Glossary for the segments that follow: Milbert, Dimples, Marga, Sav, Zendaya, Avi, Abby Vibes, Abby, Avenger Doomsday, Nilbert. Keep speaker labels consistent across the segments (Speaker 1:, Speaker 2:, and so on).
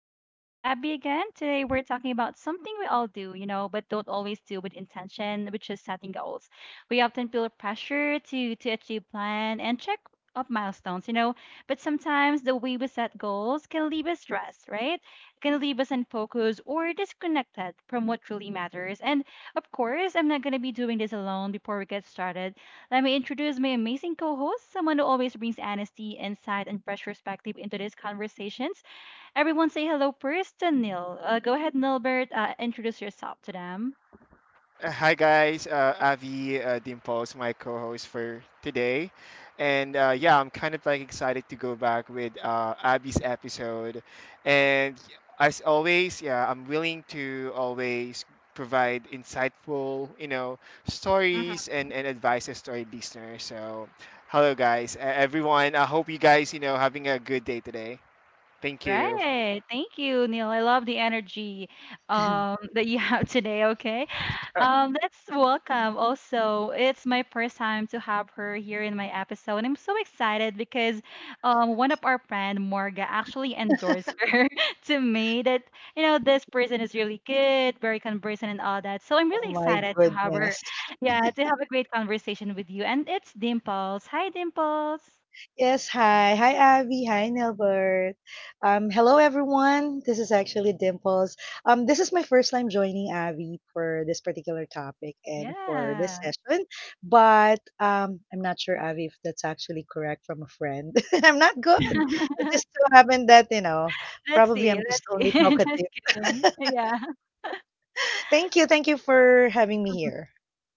Speaker 1: It's your host, Abby again. Today we're talking about something we all do, you know, but don't always do with intention, which is setting goals. We often feel pressure to achieve plan and check up milestones, you know, but sometimes the way we set goals can leave us stressed, right? Can leave us unfocused or disconnected from what truly matters. And of course, I'm not gonna be doing this alone before we get started. Let me introduce my amazing co host, someone who always brings honesty, insight, and fresh perspective into these conversations. Everyone say hello first to Neil. Go ahead, Nilbert. Introduce yourself to them.
Speaker 2: Hi guys, Avi, Dimples, my co-host for today, and yeah, I'm kind of like excited to go back with Abby's episode, and as always, yeah, I'm willing to always provide insightful, stories and advices to our listeners. So, hello guys, everyone. I hope you guys, having a good day today. Thank you.
Speaker 1: Right. Thank you, Neil. I love the energy that you have today. Okay. Let's welcome also. It's my first time to have her here in my episode. And I'm so excited because one of our friend, Morga, actually endorsed her to me that, you know, this person is really good, very conversant and all that. So I'm
Speaker 3: Oh
Speaker 1: really
Speaker 3: my
Speaker 1: excited to have her.
Speaker 3: goodness.
Speaker 1: Yeah, to have a great conversation with you. And it's Dimples. Hi, Dimples.
Speaker 3: Yes, hi. Hi, Abby. Hi, Nilbert. Hello, everyone. This is actually Dimples. This is my first time joining Abby for this particular topic and for this
Speaker 1: Yeah.
Speaker 3: session, but I'm not sure, Abby, if that's actually correct from a friend. I'm not good. It just so happened that, you know,
Speaker 1: Let's
Speaker 3: probably
Speaker 1: see,
Speaker 3: I'm just
Speaker 1: let's see.
Speaker 3: only talkative.
Speaker 1: Just kidding. Yeah.
Speaker 3: Thank you. Thank you for having me here.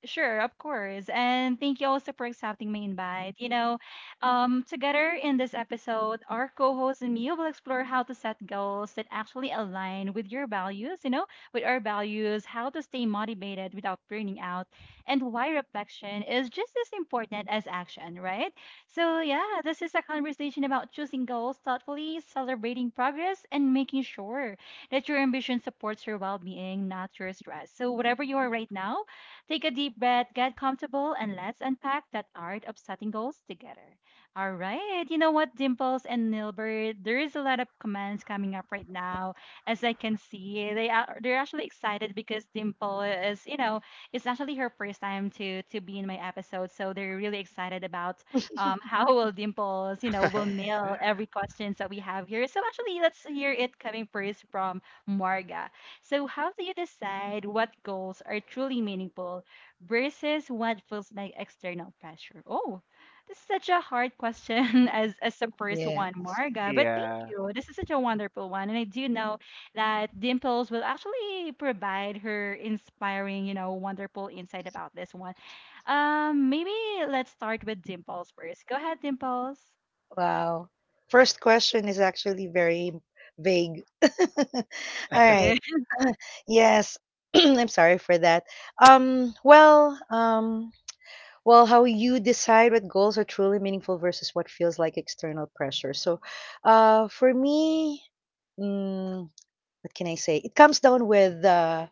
Speaker 1: Sure, of course. And thank you also for accepting my invite. You know, together in this episode, our co host and me will explore how to set goals that actually align with your values, you know, with our values, how to stay motivated without burning out, and why reflection is just as important as action, right? So, yeah, this is a conversation about choosing goals thoughtfully, celebrating progress, and making sure that your ambition supports your well being, not your stress. So, whatever you are right now, take a deep breath, get comfortable, and let's unpack that art of setting goals together. All right. You know what, Dimples and Nilbert, there is a lot of comments coming up right now. As I can see, they're actually excited because Dimple is, you know, it's actually her first time to be in my episode, so they're really excited about how will Dimples, you know, will nail every questions that we have here. So actually, let's hear it coming first from Marga. So, how do you decide what goals are truly meaningful versus what feels like external pressure? Oh, this is such a hard question as the first
Speaker 3: Yeah.
Speaker 1: one, Marga. But thank
Speaker 2: Yeah.
Speaker 1: you. This is such a wonderful one, and I do know that Dimples will actually provide her inspiring, you know, wonderful insight about this one. Maybe let's start with Dimples first. Go ahead, Dimples.
Speaker 3: Wow. First question is actually very vague. All right.
Speaker 1: Eh.
Speaker 3: Yes. I'm sorry for that. Um, well, um, well, how you decide what goals are truly meaningful versus what feels like external pressure. So, for me, mm, what can I say? It comes down with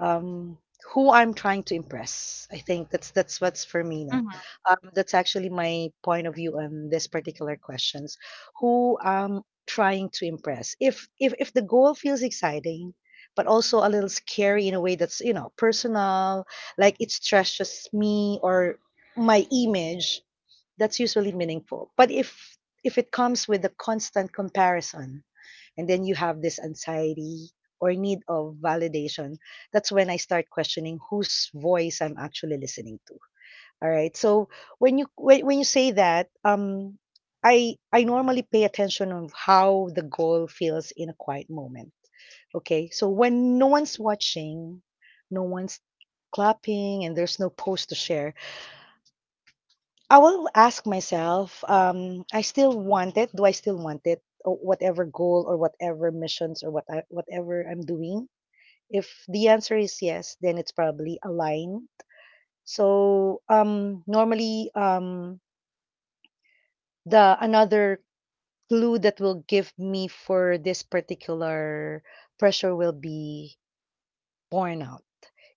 Speaker 3: um, who I'm trying to impress. I think that's what's for me now.
Speaker 1: hmm
Speaker 3: That's actually my point of view on this particular questions. Who I'm trying to impress. If the goal feels exciting, but also a little scary in a way that's, you know, personal, like it stretches me or my image. That's usually meaningful. But if it comes with a constant comparison and then you have this anxiety or need of validation, that's when I start questioning whose voice I'm actually listening to. All right. So when you when, when you say that I normally pay attention of how the goal feels in a quiet moment. Okay, so when no one's watching, no one's clapping, and there's no post to share, I will ask myself, I still want it. Do I still want it? Or whatever goal or whatever missions or whatever I'm doing. If the answer is yes, then it's probably aligned. So normally, the another clue that will give me for this particular pressure will be burnout.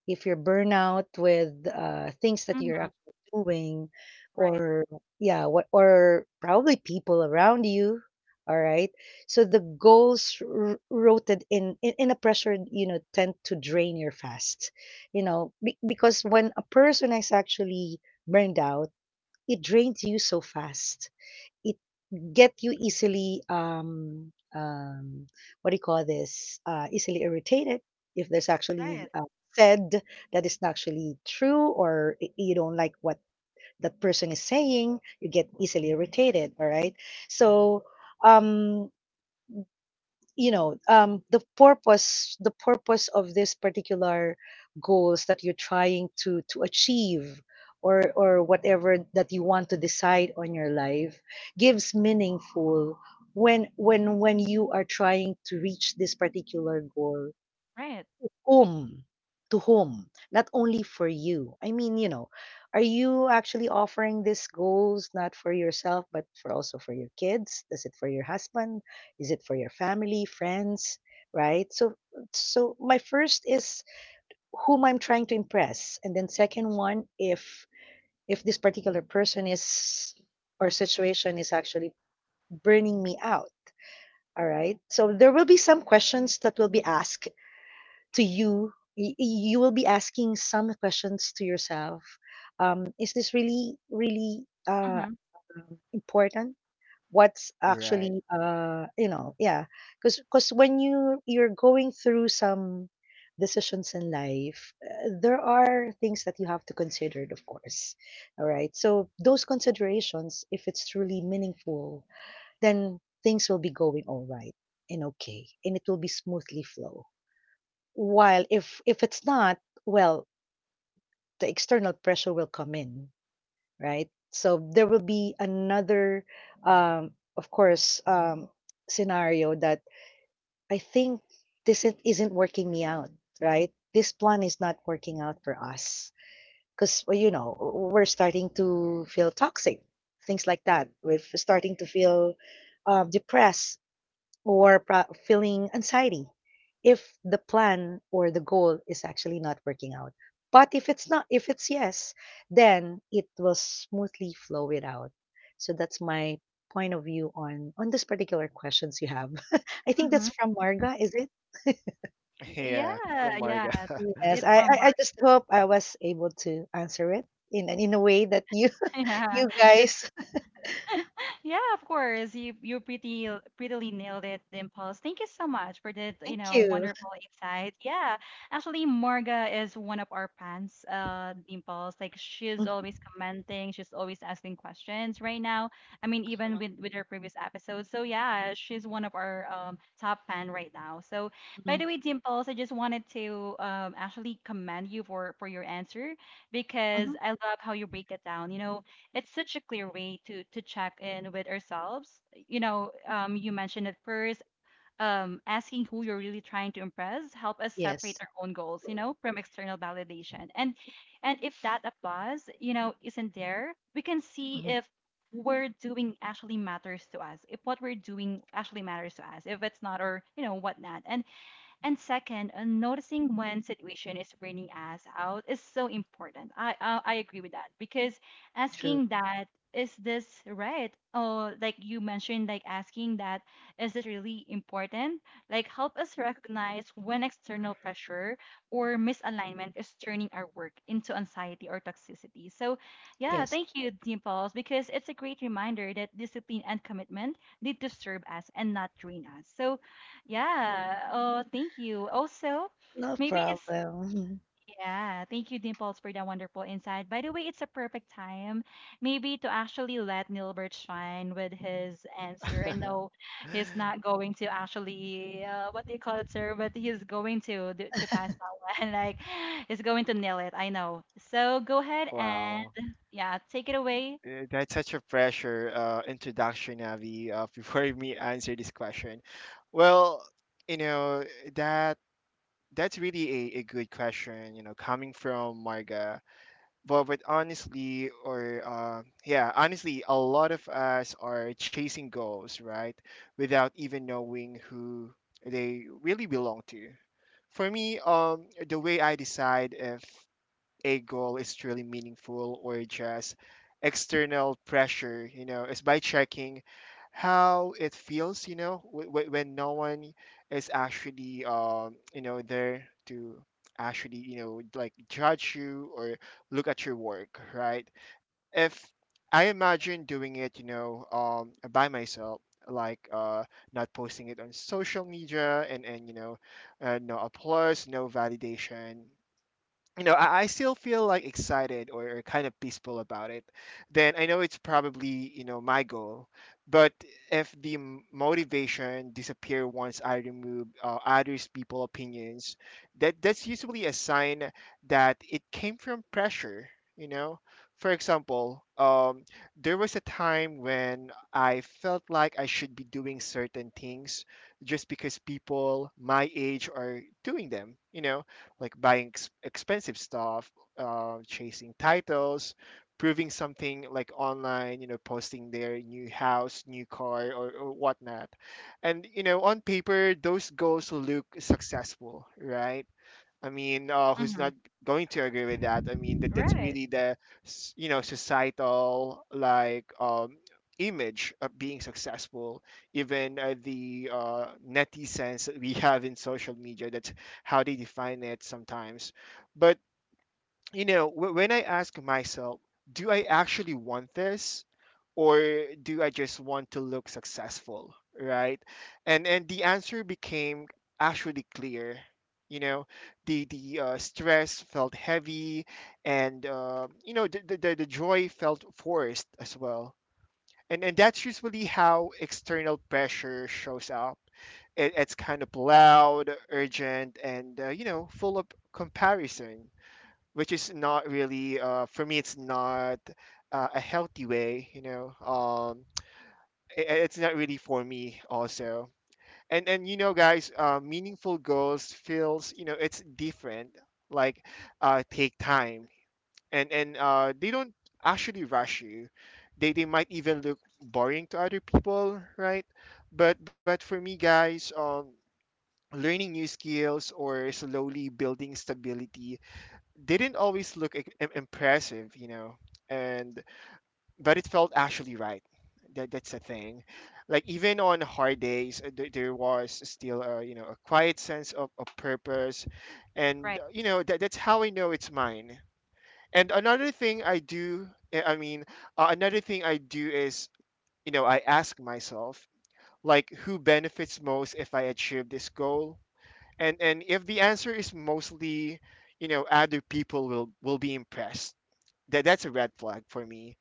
Speaker 3: If you're burnout with, things that you're
Speaker 1: hmm
Speaker 3: actually doing
Speaker 1: Right,
Speaker 3: or yeah, what or probably people around you, all right? So the goals rooted in, in a pressure, you know, tend to drain your fast. You know, because when a person is actually burned out, it drains you so fast, get you easily what do you call this, easily irritated. If there's actually
Speaker 1: right,
Speaker 3: said that is not actually true, or you don't like what that person is saying, you get easily irritated. All right. So um you know, the purpose of this particular goals that you're trying to achieve or whatever that you want to decide on your life, gives meaningful when when you are trying to reach this particular goal.
Speaker 1: right.
Speaker 3: Whom? To whom? Not only for you. I mean, you know, are you actually offering these goals not for yourself, but for also for your kids? Is it for your husband? Is it for your family, friends? Right? So so my first is whom I'm trying to impress. And then second one, if this particular person is or situation is actually burning me out. All right. So there will be some questions that will be asked to you. You will be asking some questions to yourself, is this really really
Speaker 1: Mm-hmm.
Speaker 3: important, what's
Speaker 2: Right.
Speaker 3: actually, you know. Yeah. Because when you you're going through some decisions in life, there are things that you have to consider, of course. All right. So those considerations, if it's truly meaningful, then things will be going all right and okay, and it will be smoothly flow. While if it's not, well, the external pressure will come in, right? So there will be another, of course, scenario that I think, this isn't working me out, right? This plan is not working out for us because, you know, we're starting to feel toxic, things like that. We're starting to feel depressed or feeling anxiety if the plan or the goal is actually not working out. But if it's not, if it's yes, then it will smoothly flow it out. So that's my point of view on this particular questions you have. I think that's from Marga, is it?
Speaker 1: Y-
Speaker 2: Yeah,
Speaker 1: Yeah,
Speaker 2: from Marga.
Speaker 1: yeah.
Speaker 3: Yes.
Speaker 1: It's
Speaker 3: I, I
Speaker 1: from Mar.
Speaker 3: I just hope I was able to answer it in a way that you
Speaker 1: Yeah.
Speaker 3: you guys.
Speaker 1: Yeah, of course. You pretty prettily nailed it, Dimples. Thank you so much for that, you
Speaker 3: Thank
Speaker 1: know,
Speaker 3: you.
Speaker 1: wonderful insight. Yeah. Actually, Morga is one of our fans, Dimples. Like she's
Speaker 3: Mhm,
Speaker 1: always commenting, she's always asking questions right now. I mean, even
Speaker 3: mhm,
Speaker 1: with her previous episodes. So yeah, she's one of our top fan right now. So by
Speaker 3: mhm,
Speaker 1: the way, Dimples, I just wanted to actually commend you for your answer because
Speaker 3: mhm.
Speaker 1: I love how you break it down. You know, it's such a clear way to check in with ourselves. You know, you mentioned it first. Asking who you're really trying to impress help us separate
Speaker 3: Yes.
Speaker 1: our own goals, you know, from external validation. And if that applause, you know, isn't there, we can see
Speaker 3: Mhm.
Speaker 1: if we're doing actually matters to us, if what we're doing actually matters to us, if it's not or you know whatnot. And second, noticing when situation is draining us out is so important. I agree with that because
Speaker 3: True.
Speaker 1: asking that is this right? Oh, like you mentioned, like asking that is it really important? Like help us recognize when external pressure or misalignment is turning our work into anxiety or toxicity. So, yeah,
Speaker 3: Yes.
Speaker 1: thank you, Dimples, because it's a great reminder that discipline and commitment need to serve us and not drain us. So yeah. Oh, thank you. Also,
Speaker 3: No
Speaker 1: maybe it's,
Speaker 3: problem.
Speaker 1: yeah, thank you, Dimples, for that wonderful insight. By the way, it's a perfect time maybe to actually let Nilbert shine with his answer. I know he's not going to actually, what do you call it, sir? But he's going to to pass that one. Like, he's going to nail it. I know. So go ahead and,
Speaker 2: Wow.
Speaker 1: yeah, take it away.
Speaker 2: That's such a pressure introduction, Avi, before me answer this question. Well, you know, that that's really a good question, you know, coming from Marga. But honestly, honestly, a lot of us are chasing goals, right? Without even knowing who they really belong to. For me, the way I decide if a goal is truly meaningful or just external pressure, you know, is by checking how it feels, you know, when no one is actually, there to actually, you know, like judge you or look at your work, right? If I imagine doing it, by myself, like uh, not posting it on social media, and no applause, no validation, you know, I still feel like excited, or kind of peaceful about it, then I know it's probably, you know, my goal. But if the motivation disappear once I remove others people opinions, that's usually a sign that it came from pressure. You know, for example, there was a time when I felt like I should be doing certain things just because people my age are doing them. You know, like buying expensive stuff, chasing titles, proving something like online, you know, posting their new house, new car, or whatnot. And, you know, on paper, those goals look successful, right? I mean, who's
Speaker 1: Mm-hmm.
Speaker 2: not going to agree with that? I mean, that's
Speaker 1: Right.
Speaker 2: really the you know societal like image of being successful. Even the netizens that we have in social media, that's how they define it sometimes. But you know, when I ask myself, do I actually want this or do I just want to look successful, right? And the answer became actually clear. You know, the stress felt heavy and the, the joy felt forced as well. And that's usually how external pressure shows up. It's kind of loud, urgent, and full of comparison, which is not really for me, it's not a healthy way, you know. It's not really for me also. And you know guys, meaningful goals feels, you know, it's different. like Take time, and they don't actually rush you. They might even look boring to other people, right? But for me guys, learning new skills or slowly building stability didn't always look impressive, you know, and but it felt actually right. That's the thing. Like even on hard days, there was still a, you know, a quiet sense of purpose, and
Speaker 1: Right.
Speaker 2: you know, that's how I know it's mine. And another thing I do, uh, I mean, another thing I do is, you know, I ask myself, like, who benefits most if I achieve this goal, and if the answer is mostly, you know, other people will be impressed, that's a red flag for me.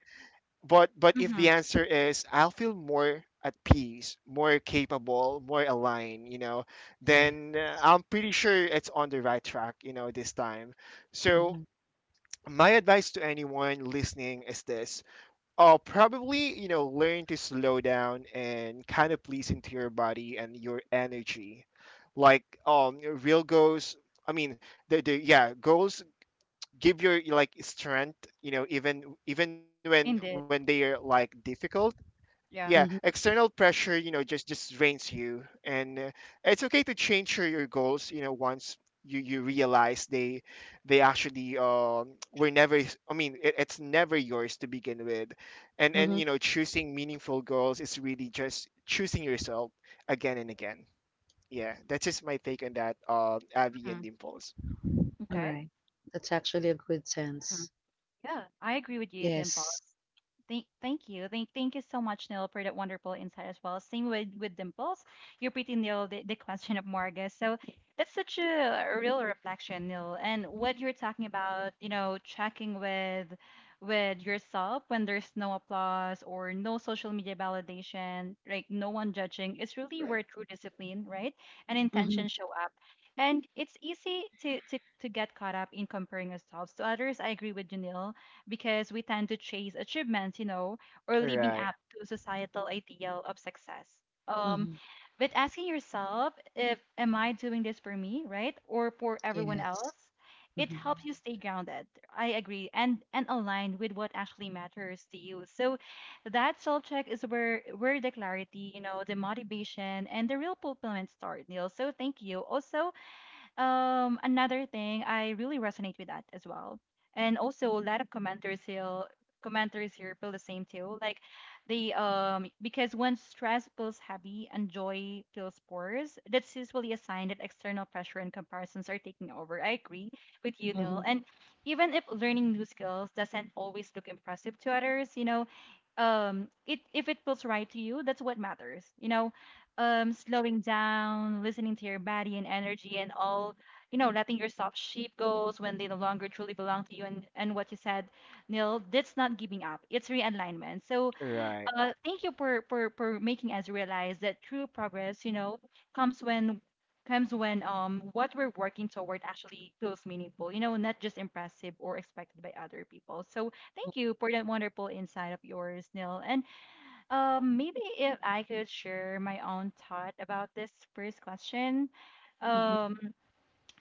Speaker 2: But if
Speaker 1: Mm-hmm.
Speaker 2: the answer is I'll feel more at peace, more capable, more aligned, you know,
Speaker 3: Yes.
Speaker 2: then I'm pretty sure it's on the right track, you know, this time. So
Speaker 3: Mhm.
Speaker 2: my advice to anyone listening is this: probably, you know, learn to slow down and kind of listen to your body and your energy. Like real goals. I mean, the, the goals give your like strength, you know, even when they
Speaker 1: Indeed.
Speaker 2: are like difficult. Yeah,
Speaker 1: Yeah.
Speaker 3: Mhm,
Speaker 2: external pressure, you know, just drains you, and it's okay to change your goals, you know, once you realize they actually were never, it, it's never yours to begin with. And
Speaker 3: mhm.
Speaker 2: you know, choosing meaningful goals is really just choosing yourself again and again. Yeah, that's just my take on that, Avi and
Speaker 1: Mm-hmm.
Speaker 2: Dimples.
Speaker 1: Okay.
Speaker 3: Alright. That's actually a good sense.
Speaker 1: Yeah, I agree with you,
Speaker 3: Yes.
Speaker 1: Dimples. Thank you. Thank you so much, Neil, for that wonderful insight as well. Same with Dimples. You pretty nailed the question of Marga. So that's such a real reflection, Neil. And what you're talking about, you know, checking with yourself when there's no applause or no social media validation, like no one judging, it's really where true discipline, right? And
Speaker 3: Mhm,
Speaker 1: intention show up. And it's easy to get caught up in comparing ourselves to others. I agree with Janil because we tend to chase achievements, you know, or living
Speaker 2: Right.
Speaker 1: up to societal ideal of success. Um,
Speaker 3: mhm.
Speaker 1: but asking yourself if am I doing this for me, right, or for everyone
Speaker 3: Yes.
Speaker 1: else, it
Speaker 3: Mhm.
Speaker 1: helps you stay grounded. I agree, and aligned with what actually matters to you. So that self check is where the clarity, you know, the motivation and the real fulfillment start, Neil. So thank you. Also, another thing, I really resonate with that as well. And also a lot of commenters here feel the same too. Like they because when stress feels heavy and joy feels sparse, that's usually a sign that external pressure and comparisons are taking over. I agree with you, Neil.
Speaker 3: Mhm,
Speaker 1: And even if learning new skills doesn't always look impressive to others, you know, it if it feels right to you, that's what matters. You know, slowing down, listening to your body and energy and all, you know, letting yourself sheep goals when they no longer truly belong to you and what you said, Neil, that's not giving up. It's realignment. So
Speaker 2: Right.
Speaker 1: thank you for, for making us realize that true progress, you know, comes when comes when what we're working toward actually feels meaningful, you know, not just impressive or expected by other people. So thank you for that wonderful insight of yours, Neil. And maybe if I could share my own thought about this first question.
Speaker 3: mhm.
Speaker 1: Um,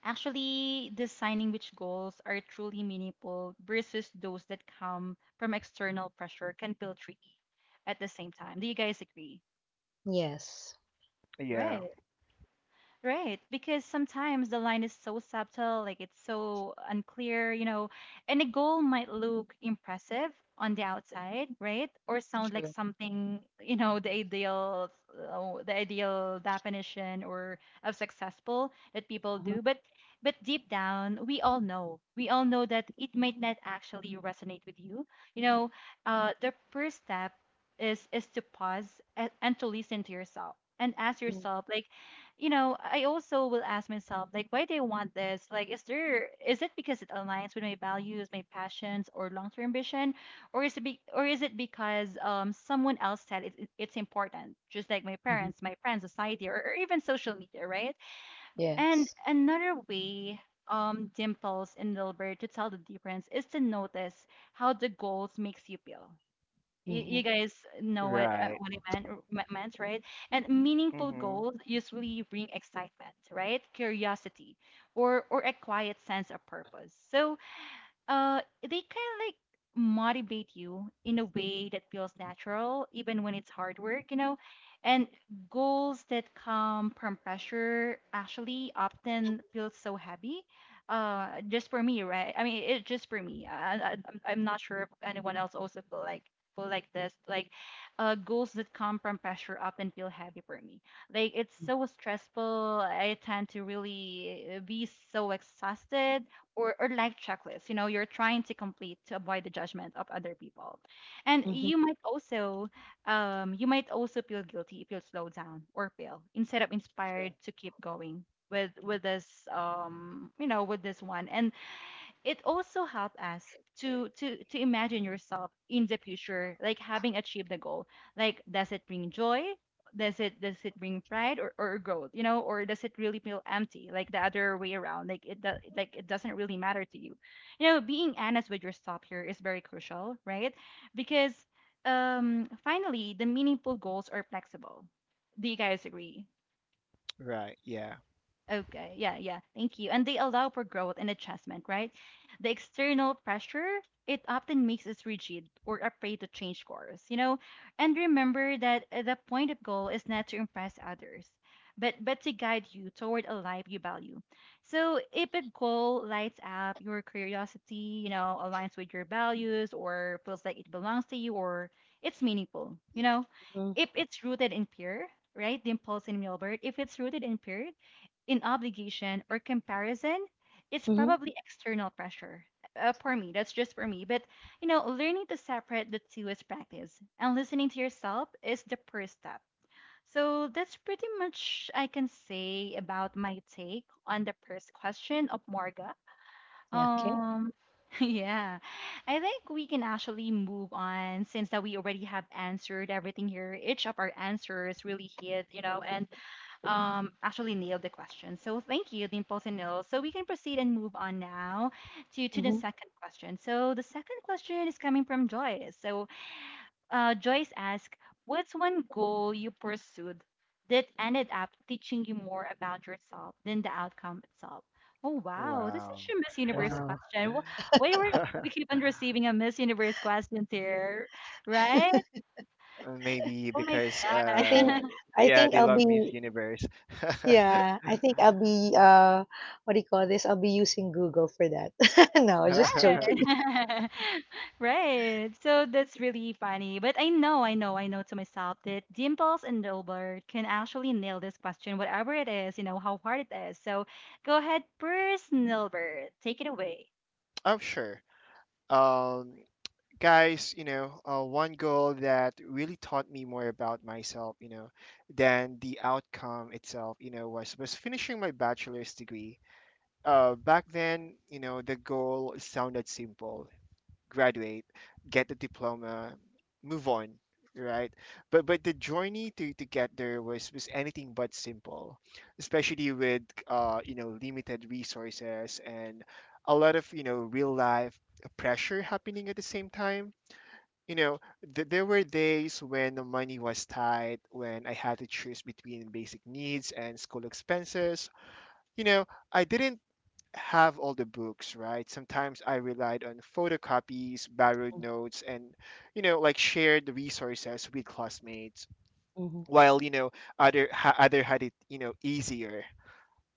Speaker 1: actually, designing which goals are truly meaningful versus those that come from external pressure can feel tricky at the same time. Do you guys agree?
Speaker 3: Yes.
Speaker 2: Yeah.
Speaker 1: Right. Right, because sometimes the line is so subtle, like it's so unclear, you know, and a goal might look impressive on the outside, right? Or sound like
Speaker 3: True.
Speaker 1: something, you know, the ideal, the ideal definition or of successful that people
Speaker 3: Mhm,
Speaker 1: do. But deep down, we all know that it might not actually resonate with you. You know, the first step is to pause and to listen to yourself and ask
Speaker 3: mhm,
Speaker 1: yourself, like you know, I also will ask myself, like, why do I want this? Like, is there is it because it aligns with my values, my passions, or long-term ambition, or is it be, or is it because someone else said it, it's important, just like my
Speaker 3: mhm.
Speaker 1: parents, my friends, society, or even social media, right? And
Speaker 3: Yes.
Speaker 1: another way. Dimples and Dilbert to tell the difference is to notice how the goals makes you feel you
Speaker 3: Mhm.
Speaker 1: guys know
Speaker 2: Right.
Speaker 1: what it meant, or meant, right? And meaningful
Speaker 2: Mm-hmm.
Speaker 1: goals usually bring excitement, right? Curiosity, or a quiet sense of purpose. So they kind of like motivate you in a way that feels natural even when it's hard work you know and goals that come from pressure actually often feel so heavy just for me right I mean it's just for me I'm not sure if anyone else also feel like this like goals that come from pressure often feel heavy for me like it's
Speaker 3: Mm.
Speaker 1: so stressful I tend to really be so exhausted or life checklists, you know, you're trying to complete to avoid the judgment of other people. And
Speaker 3: Mhm,
Speaker 1: you might also feel guilty if you slow down or fail instead of inspired to keep going with this you know with this one. And it also helps us to imagine yourself in the future, like having achieved the goal. Like, does it bring joy? Does it bring pride or growth, you know? Or does it really feel empty, like the other way around, like like it doesn't really matter to you? You know, being honest with yourself here is very crucial, right? Because finally, the meaningful goals are flexible. Do you guys agree?
Speaker 2: Right. Yeah.
Speaker 1: Okay, yeah, yeah. Thank you. And they allow for growth and adjustment, right? The external pressure, it often makes us rigid or afraid to change course, you know? And remember that the point of goal is not to impress others, but to guide you toward a life you value. So if a goal lights up your curiosity, you know, aligns with your values or feels like it belongs to you, or it's meaningful, you know?
Speaker 3: mhm,
Speaker 1: If it's rooted in fear, right? The impulse in Milbert, if it's rooted in fear, in obligation or comparison, it's
Speaker 3: mhm.
Speaker 1: probably external pressure. For me, that's just for me. But you know, learning to separate the two is practice, and listening to yourself is the first step. So that's pretty much I can say about my take on the first question of Morga.
Speaker 3: Yeah, okay.
Speaker 1: Um, yeah, I think we can actually move on, since that we already have answered everything here. Each of our answers really hit, you know, and actually nailed the question. So thank you, Dimple and Nil. So we can proceed and move on now to the
Speaker 3: Mhm.
Speaker 1: second question. So the second question is coming from Joyce. So Joyce asks, what's one goal you pursued that ended up teaching you more about yourself than the outcome itself? Oh wow, this is
Speaker 2: Wow.
Speaker 1: such a Miss Universe
Speaker 3: Wow.
Speaker 1: question. Why were we keep on receiving a Miss Universe questions here, right?
Speaker 2: Maybe
Speaker 1: Oh my
Speaker 2: because
Speaker 3: I
Speaker 2: uh
Speaker 3: think
Speaker 1: God.
Speaker 3: I
Speaker 2: yeah,
Speaker 3: think
Speaker 2: they
Speaker 3: I'll
Speaker 2: love Miss
Speaker 3: be
Speaker 2: Universe.
Speaker 3: yeah, I think I'll be, what do you call this? I'll be using Google for that. No, just
Speaker 1: Right.
Speaker 3: joking.
Speaker 1: Right. So that's really funny. But I know to myself that Dimples and Robert can actually nail this question, whatever it is, you know, how hard it is. So go ahead, first, Nilbert. Take it away.
Speaker 2: I'm sure. Um Guys, you know, one goal that really taught me more about myself, you know, than the outcome itself, you know, was finishing my bachelor's degree. Back then, you know, the goal sounded simple: graduate, get the diploma, move on, right? But the journey to get there was anything but simple, especially with uh, you know, limited resources and a lot of, you know, real life pressure happening at the same time. You know, there were days when the money was tight, when I had to choose between basic needs and school expenses. You know, I didn't have all the books, right? Sometimes I relied on photocopies, borrowed
Speaker 3: Okay.
Speaker 2: notes, and, you know, like shared resources with classmates,
Speaker 3: Mhm.
Speaker 2: while, you know, other, other had it, you know, easier.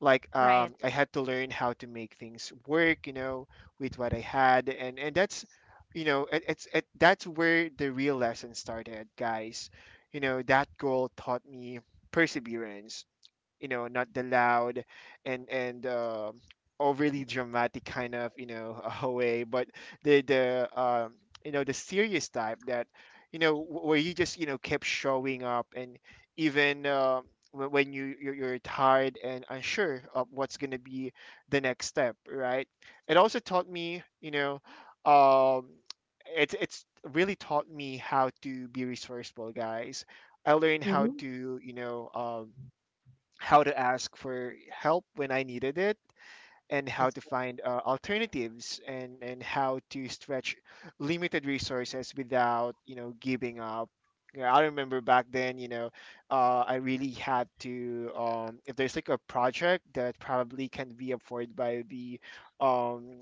Speaker 2: Like
Speaker 1: Right.
Speaker 2: I had to learn how to make things work, you know, with what I had, and that's, you know, that's where the real lesson started, guys. You know, that goal taught me perseverance, you know, not the loud and overly dramatic kind of, you know, way, but the you know, the serious type, that, you know, where you just, you know, kept showing up, and even when you're tired and unsure of what's going to be the next step, right? It also taught me, you know, um it's really taught me how to be resourceful, guys. I learned how
Speaker 3: Mhm.
Speaker 2: to, you know, how to ask for help when I needed it and how
Speaker 3: That's
Speaker 2: to
Speaker 3: good.
Speaker 2: find alternatives, and how to stretch limited resources without, you know, giving up. Yeah, I remember back then, you know, I really had to, if there's like a project that probably can be afforded by the um,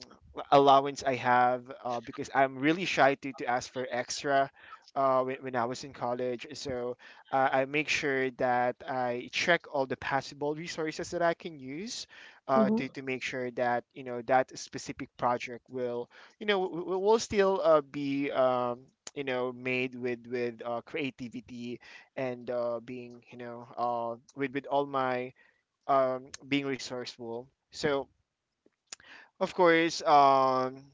Speaker 2: allowance I have, because I'm really shy to ask for extra when I was in college. So I make sure that I check all the possible resources that I can use
Speaker 3: Mhm.
Speaker 2: to make sure that, you know, that specific project will, you know, will still be you know, made with creativity, and being, you know, with all my, being resourceful. So, of course. Um,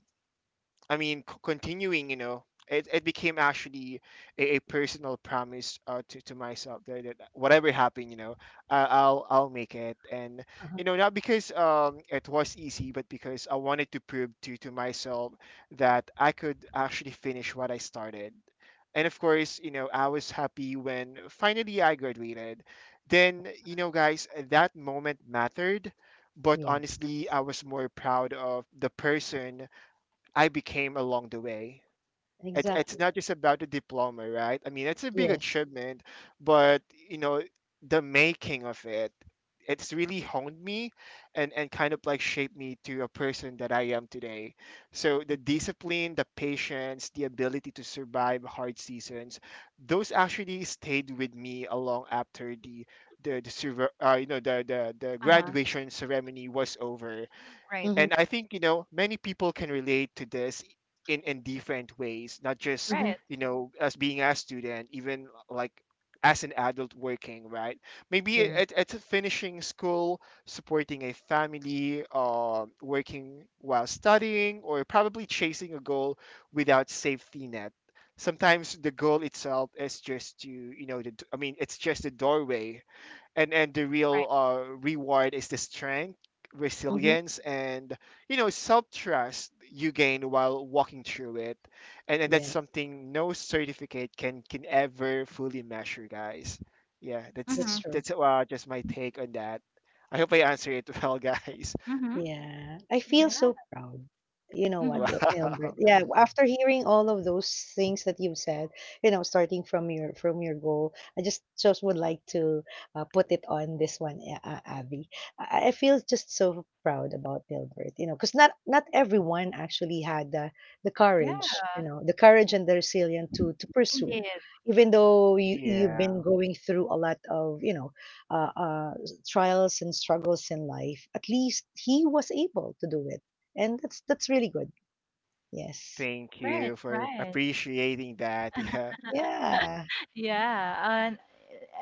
Speaker 2: I mean, c- Continuing, you know, it became actually a personal promise, to myself that, that whatever happened, you know, I'll make it. And
Speaker 3: Uh-huh.
Speaker 2: you know, not because it was easy, but because I wanted to prove to myself that I could actually finish what I started. And of course, you know, I was happy when finally I graduated. Then, you know, guys, that moment mattered. But
Speaker 3: Yeah,
Speaker 2: honestly, I was more proud of the person I became along the way. It's
Speaker 3: exactly.
Speaker 2: not just about the diploma, right? I mean, it's a big
Speaker 3: Yes.
Speaker 2: achievement, but, you know, the making of it, it's really honed me and kind of like shaped me to a person that I am today. So the discipline, the patience, the ability to survive hard seasons, those actually stayed with me along after the you know, the
Speaker 1: Uh-huh.
Speaker 2: graduation ceremony was over.
Speaker 1: Right.
Speaker 3: Mhm,
Speaker 2: And I think, you know, many people can relate to this in different ways, not just,
Speaker 3: mhm.
Speaker 1: Right.
Speaker 2: you know, as being a student, even like as an adult working, right? Maybe
Speaker 3: Yeah.
Speaker 2: it's finishing school, supporting a family, working while studying, or probably chasing a goal without safety net. Sometimes the goal itself is just to, you know, the, d- I mean, it's just a doorway, and the real
Speaker 1: Right.
Speaker 2: reward is the strength,
Speaker 3: Mhm.
Speaker 2: resilience, and, you know, self-trust you gain while walking through it, and that's
Speaker 3: Yes,
Speaker 2: something no certificate can ever fully measure, guys. Yeah, that's
Speaker 3: that's
Speaker 1: Mm-hmm.
Speaker 3: true.
Speaker 2: that's uh, just my take on that. I hope I answered it well. Guys.
Speaker 1: Mm-hmm.
Speaker 3: Yeah, I feel
Speaker 1: Yeah.
Speaker 3: so proud. You know what,
Speaker 1: Mm-hmm.
Speaker 3: Il Nilbert,
Speaker 2: Wow.
Speaker 3: yeah, after hearing all of those things that you've said, you know, starting from your goal, I just would like to, put it on this one, A Abby. I feel just so proud about Milbert, you know, because not not everyone actually had the
Speaker 1: Yeah.
Speaker 3: courage, you know, the courage and the resilience to pursue.
Speaker 1: Indeed.
Speaker 3: Even though you you've
Speaker 2: Yeah.
Speaker 3: been going through a lot of, you know, uh, uh trials and struggles in life, at least he was able to do it. And that's really good. Yes.
Speaker 2: Thank
Speaker 1: Right,
Speaker 2: you for
Speaker 1: right.
Speaker 2: appreciating that. Yeah.
Speaker 3: Yeah.
Speaker 1: Yeah.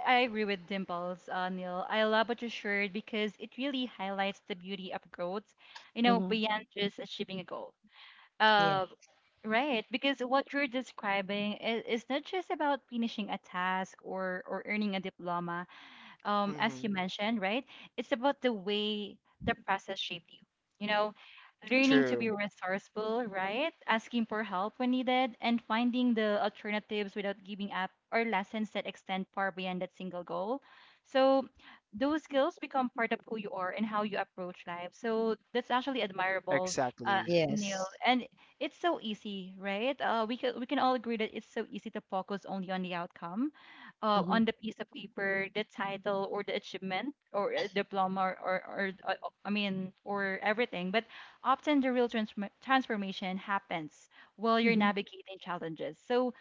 Speaker 1: I agree with Dimples, Neil. I love what you shared because it really highlights the beauty of growth, you know,
Speaker 3: Hmm.
Speaker 1: beyond just achieving a goal.
Speaker 3: Yeah.
Speaker 1: Uh, right, because what you're describing is not just about finishing a task or earning a diploma, as you
Speaker 2: Hmm.
Speaker 1: mentioned, right? It's about the way the process shaped you. You know, learning to be
Speaker 2: True.
Speaker 1: resourceful, right? Asking for help when needed, and finding the alternatives without giving up, or lessons that extend far beyond that single goal. So those skills become part of who you are and how you approach life. So that's actually admirable, uh,
Speaker 2: Exactly.
Speaker 1: Neil.
Speaker 3: Yes.
Speaker 1: And it's so easy, right? We can all agree that it's so easy to focus only on the outcome,
Speaker 3: Hmm.
Speaker 1: on the piece of paper, the title or the achievement or a diploma, or I mean, or everything. But often the real transformation happens while you're
Speaker 3: Hmm.
Speaker 1: navigating challenges. So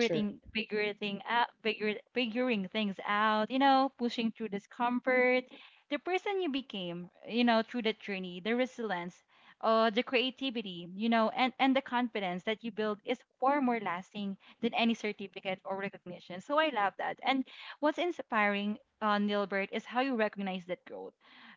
Speaker 3: True.
Speaker 1: figuring out, figure, figuring things out, you know, pushing through discomfort, the person you became, you know, through that journey, the resilience, the creativity, you know, and, the confidence that you build is far more lasting than any certificate or recognition. So I love that. And what's inspiring, Nilbert, is how you recognize that growth.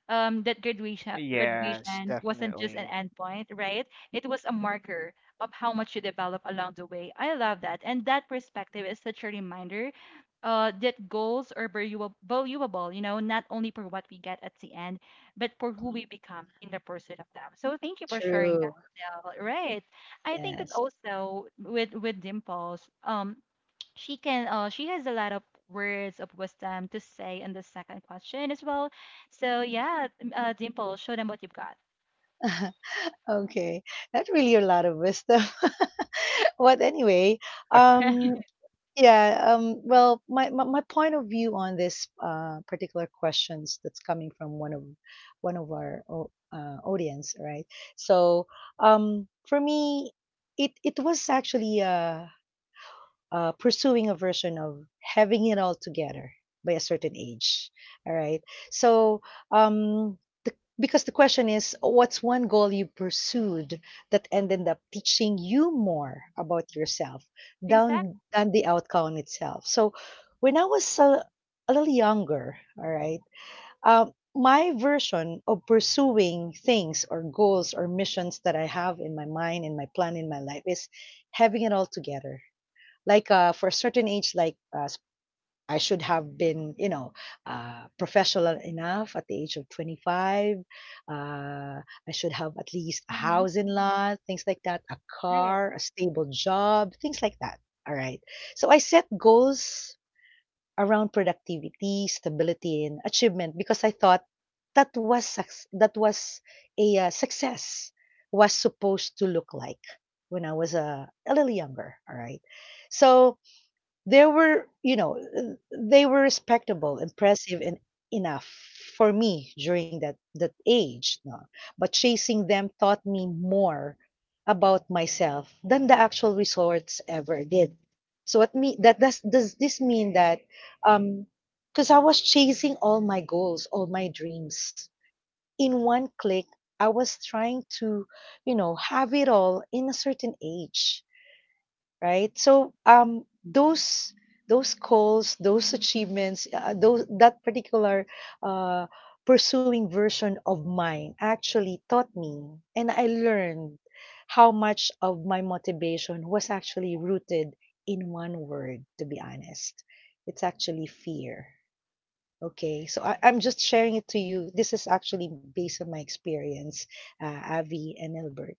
Speaker 1: That
Speaker 2: Yes,
Speaker 1: graduation wasn't just an
Speaker 2: definitely.
Speaker 1: endpoint, right? It was a marker of how much you develop along the way. I love that. And that perspective is such a reminder that goals are valuable, you know, not only for what we get at the end, but for who we become in the pursuit of them. So thank you for sharing that,
Speaker 3: True.
Speaker 1: Del. Right. I think that
Speaker 3: Yes.
Speaker 1: also with Dimples, she can she has a lot of words of wisdom to say in the second question as well. So yeah, Dimple, show them what you've got.
Speaker 3: Okay. That's really a lot of wisdom. But anyway, um, yeah, well, my point of view on this particular questions that's coming from one of our audience, right? So, for me, it was actually pursuing a version of having it all together by a certain age. All right. So, um, the, because the question is, what's one goal you pursued that ended up teaching you more about yourself down
Speaker 1: Exactly.
Speaker 3: than the outcome itself? So, when I was a little younger, all right, my version of pursuing things or goals or missions that I have in my mind and my plan in my life is having it all together like for a certain age like I should have been, you know, professional enough at the age of 25. I should have at least a
Speaker 1: Mm-hmm.
Speaker 3: house in law, things like that, a
Speaker 1: Right.
Speaker 3: car, a stable job, things like that. All right. So I set goals around productivity, stability, and achievement because I thought that was suc- that was a success was supposed to look like when I was a little younger. All right. So they were, you know, they were respectable, impressive, and enough for me during that that age. No? But chasing them taught me more about myself than the actual resorts ever did. So what me that does this mean that um because I was chasing all my goals, all my dreams in one click. I was trying to, you know, have it all in a certain age, right? So those goals, those achievements, those that particular uh, pursuing version of mine actually taught me and I learned how much of my motivation was actually rooted in one word, to be honest. It's actually fear. Okay, so I, I'm just sharing it to you. This is actually based on my experience, Avi and Elbert.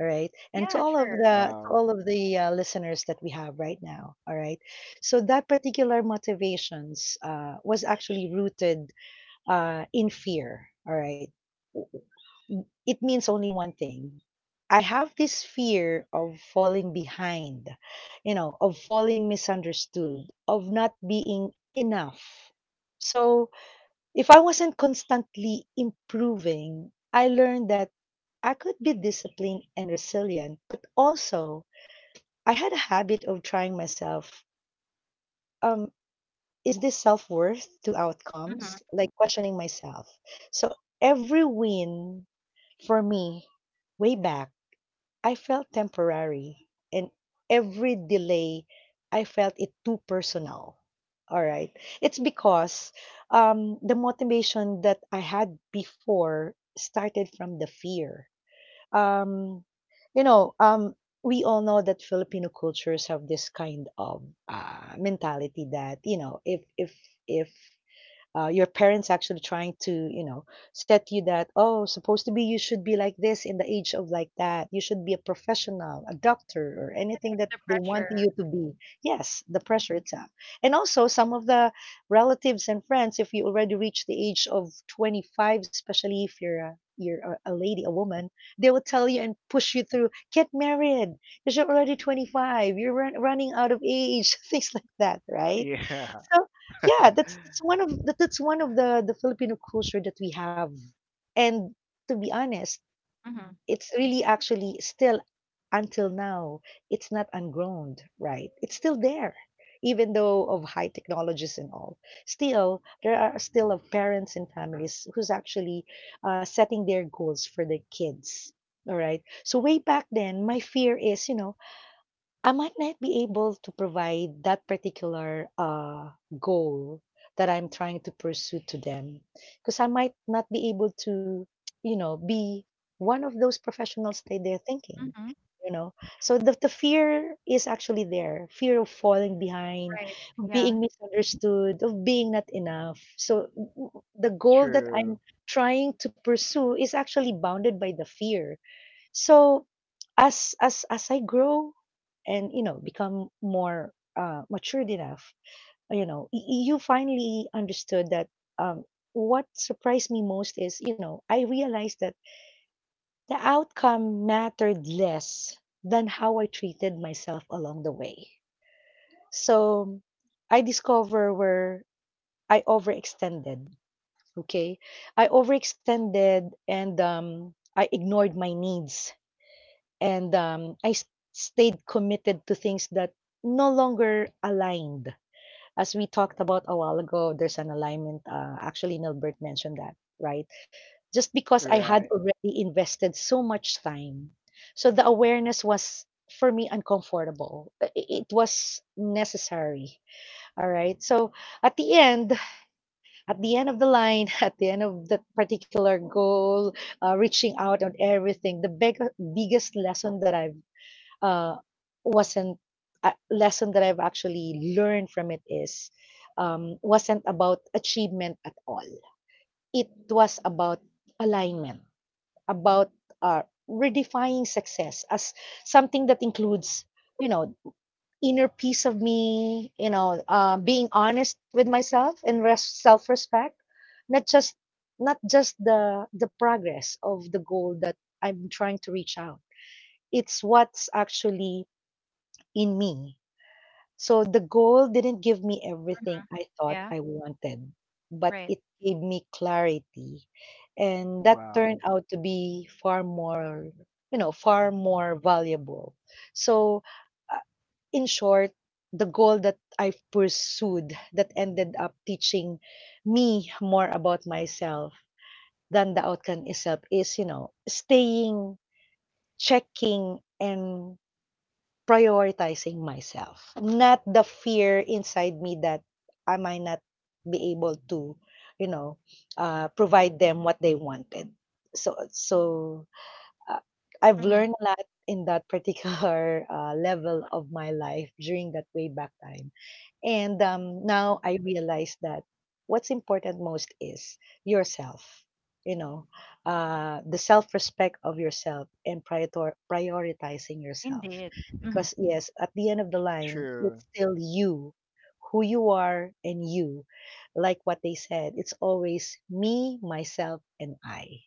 Speaker 3: All right, and to
Speaker 1: Yeah,
Speaker 3: all of
Speaker 1: sure.
Speaker 3: the to
Speaker 2: Wow.
Speaker 3: all of the listeners that we have right now. All right, so that particular motivations was actually rooted in fear. All right, it means only one thing. I have this fear of falling behind, you know, of falling misunderstood, of not being enough. So if I wasn't constantly improving, I learned that I could be disciplined and resilient, but also I had a habit of trying myself. Um, is this self worth to
Speaker 1: Mm-hmm.
Speaker 3: outcomes? Like questioning myself. So every win for me, way back, I felt temporary, and every delay, I felt it too personal. All right. It's because the motivation that I had before started from the fear. Um, you know, we all know that Filipino cultures have this kind of mentality that, you know, if your parents actually trying to, you know, set you that oh supposed to be, you should be like this in the age of like that, you should be a professional, a doctor, or anything
Speaker 1: Right.
Speaker 3: that
Speaker 1: The
Speaker 3: they want
Speaker 1: pressure.
Speaker 3: you to be. Yes, the pressure itself. And also some of the relatives and friends, if you already reach the age of 25, especially if you're a lady, a woman, they will tell you and push you through. Get married because you're already 25. You're running out of age, things
Speaker 2: Yeah,
Speaker 3: like that, right? So. Yeah, that's one of that, that's one of the Filipino culture that we have. And to be honest,
Speaker 1: Mm-hmm.
Speaker 3: it's really actually still until now, it's not ungrown, right? It's still there. Even though of high technologies and all, still there are still of parents and families who's actually setting their goals for their kids. All right. So way back then, my fear is, you know, I might not be able to provide that particular goal that I'm trying to pursue to them because I might not be able to, you know, be one of those professionals that they're thinking,
Speaker 1: Mm-hmm.
Speaker 3: you know. So the fear is actually there, fear of falling behind,
Speaker 1: Right.
Speaker 3: of
Speaker 1: Yeah.
Speaker 3: being misunderstood, of being not enough. So w- w- the goal
Speaker 2: true.
Speaker 3: that I'm trying to pursue is actually bounded by the fear, so as I grow and, you know, become more matured enough, you know, you finally understood that um, what surprised me most is, you know, I realized that the outcome mattered less than how I treated myself along the way. So I discover where I overextended. Okay, I overextended, and I ignored my needs. And, I s stayed committed to things that no longer aligned. As we talked about a while ago, there's an alignment, actually Nilbert mentioned that, right? Just because I had
Speaker 2: Right.
Speaker 3: already invested so much time. So the awareness was for me uncomfortable. It was necessary. All right. So at the end, at the end of the line, at the end of that particular goal, reaching out on everything, the biggest lesson that I've uh, wasn't a lesson that I've actually learned from it is wasn't about achievement at all. It was about alignment, about, uh, redefining success as something that includes, you know, inner peace of me, you know, being honest with myself and self-respect, not just, not just the progress of the goal that I'm trying to reach out. It's what's actually in me. So the goal didn't give me
Speaker 1: Mm-hmm.
Speaker 3: everything I thought
Speaker 1: Yeah.
Speaker 3: I wanted, but
Speaker 1: Right.
Speaker 3: it gave me clarity. And that
Speaker 2: Wow.
Speaker 3: turned out to be far more, you know, far more valuable. So, uh, in short, the goal that I've pursued that ended up teaching me more about myself than the outcome itself is, you know, staying, checking, and prioritizing myself, not the fear inside me that I might not be able to, you know, provide them what they wanted. So, uh, I've
Speaker 1: Mm-hmm.
Speaker 3: learned a lot in that particular level of my life during that way back time. And now I realize that what's important most is yourself, you know, the self respect of yourself and prioritizing yourself.
Speaker 1: Indeed. Mm-hmm.
Speaker 3: Because, yes, at the end of the line,
Speaker 2: True.
Speaker 3: it's still you, who you are, and you. Like what they said, it's always me, myself, and I.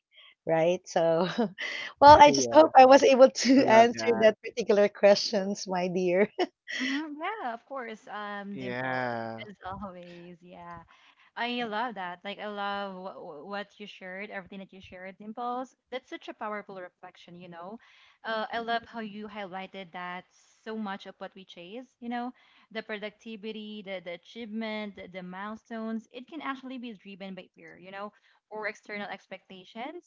Speaker 3: Right? So, well, I just
Speaker 2: Yeah,
Speaker 3: hope I was able
Speaker 2: I
Speaker 3: to
Speaker 2: love
Speaker 3: answer
Speaker 2: that.
Speaker 3: that particular questions, my dear.
Speaker 1: Mm-hmm. Yeah, of course. Dimple,
Speaker 2: Yeah,
Speaker 1: as always. Yeah. I love that. Like I love wh- wh- What you shared, everything that you shared, Dimples. That's such a powerful reflection, you know. I love how you highlighted that so much of what we chase, you know, the productivity, the achievement, the milestones. It can actually be driven by fear, you know, or external expectations.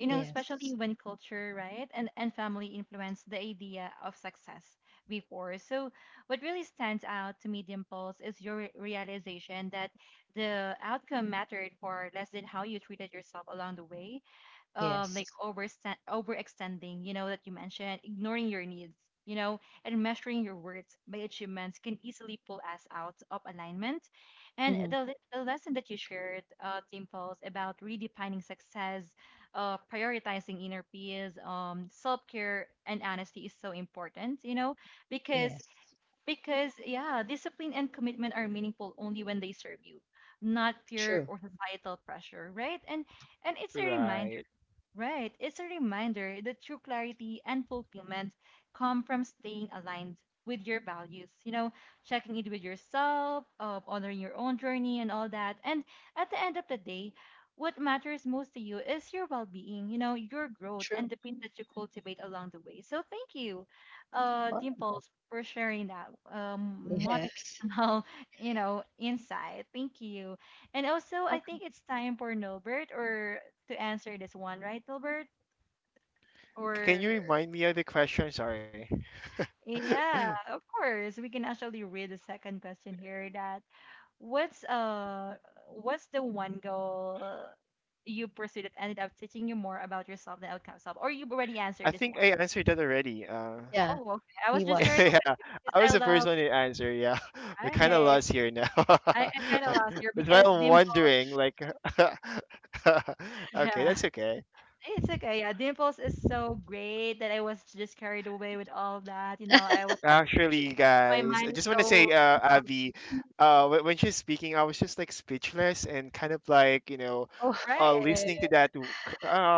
Speaker 1: You know, especially
Speaker 3: Yes.
Speaker 1: when culture, right, and family influence the idea of success before. So, what really stands out to me, Dimples, is your realization that the outcome mattered for less than how you treated yourself along the way, like
Speaker 3: Yes.
Speaker 1: overstand overextending, you know, that you mentioned, ignoring your needs, you know, and measuring your words by achievements can easily pull us out of alignment. And
Speaker 3: Mhm.
Speaker 1: the, the lesson that you shared team falls about redefining success, prioritizing inner peace, self-care, and honesty is so important, you know, because
Speaker 3: Yes.
Speaker 1: yeah, discipline and commitment are meaningful only when they serve you, not peer
Speaker 3: True.
Speaker 1: or societal pressure, right? And it's a reminder.
Speaker 2: right.
Speaker 1: Right. It's a reminder that true clarity and fulfillment come from staying aligned with your values, you know, checking it with yourself, honoring your own journey and all that. And at the end of the day, what matters most to you is your well being, you know, your growth
Speaker 3: True.
Speaker 1: and the things that you cultivate along the way. So thank you,
Speaker 3: Well,
Speaker 1: Dimples, for sharing that
Speaker 3: yes.
Speaker 1: motivational, you know, insight. Thank you. And also,
Speaker 3: Oh,
Speaker 1: I think it's time for Norbert or to answer this one, right, Gilbert?
Speaker 2: C- Can you
Speaker 1: Or
Speaker 2: remind me of the question? Sorry.
Speaker 1: yeah, of course, we can actually read the second question here. That what's uh what's the one goal you pursued that ended up teaching you more about yourself than outcome self? Or you've already
Speaker 2: I
Speaker 1: answered this
Speaker 2: think I
Speaker 1: one.
Speaker 2: answered that already.
Speaker 3: yeah,
Speaker 1: Oh, okay. I
Speaker 3: he
Speaker 1: was just carried
Speaker 3: was.
Speaker 2: Yeah,
Speaker 1: away because
Speaker 2: I was
Speaker 1: I
Speaker 2: the first
Speaker 1: love
Speaker 2: one to answer. Yeah, we're kind of
Speaker 1: right.
Speaker 2: lost here now.
Speaker 1: I kind of lost here
Speaker 2: That's why
Speaker 1: because
Speaker 2: I'm
Speaker 1: dimples.
Speaker 2: wondering, like, okay,
Speaker 1: Yeah.
Speaker 2: that's okay.
Speaker 1: It's okay. Yeah, Dimples is so great that I was just carried away with all that. You know, I was just,
Speaker 2: Actually,
Speaker 1: my
Speaker 2: guys, I
Speaker 1: mind is
Speaker 2: just want to
Speaker 1: so
Speaker 2: say,
Speaker 1: um,
Speaker 2: Abby, when she's speaking, I was just like speechless and kind of like, you know,
Speaker 3: Oh,
Speaker 1: right.
Speaker 2: listening to that,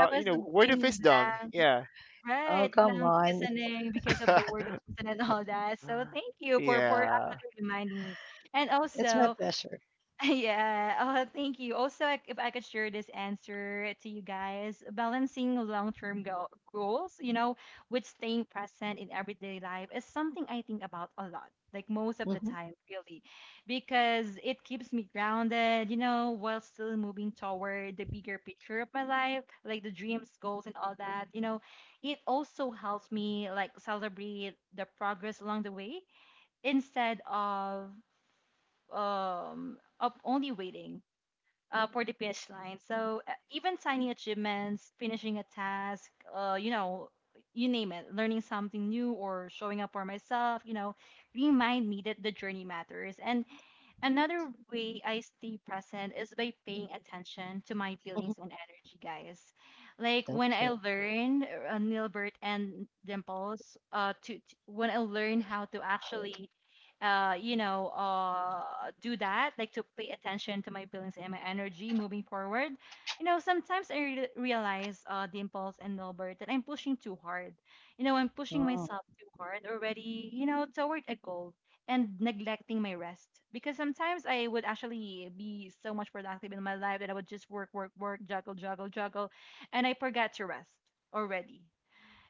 Speaker 1: I
Speaker 2: you
Speaker 1: was
Speaker 2: know, word of
Speaker 1: being
Speaker 2: wisdom.
Speaker 1: blank,
Speaker 2: Yeah.
Speaker 3: oh,
Speaker 1: right,
Speaker 3: come
Speaker 1: blank
Speaker 3: on.
Speaker 1: listening because of the word of and all that. So thank you for
Speaker 2: Yeah.
Speaker 1: actually reminding me. And
Speaker 3: It's my
Speaker 1: also,
Speaker 3: pleasure.
Speaker 1: yeah, thank you. Also, if I could share this answer to you guys, balancing long-term go goals, you know, with staying present in everyday life is something I think about a lot, like most of the
Speaker 3: Mhm,
Speaker 1: time, really, because it keeps me grounded, you know, while still moving toward the bigger picture of my life, like the dreams, goals, and all that, you know. It also helps me like celebrate the progress along the way instead of only waiting for the finish line. So even tiny achievements, finishing a task, you know, you name it, learning something new or showing up for myself, you know, remind me that the journey matters. And another way I stay present is by paying attention to my feelings
Speaker 3: mhm.
Speaker 1: and energy, guys. Like when I
Speaker 3: Okay.
Speaker 1: learned, Nilbert and Dimples, when I learned how to actually, you know, do that, like to pay attention to my feelings and my energy moving forward. You know, sometimes I realize, Dimples and Nilbert, that I'm pushing too hard. You know, I'm pushing
Speaker 3: Oh,
Speaker 1: myself too hard already. You know, toward a goal and neglecting my rest, because sometimes I would actually be so much productive in my life that I would just work, work, work, juggle, juggle, juggle, and I forgot to rest already.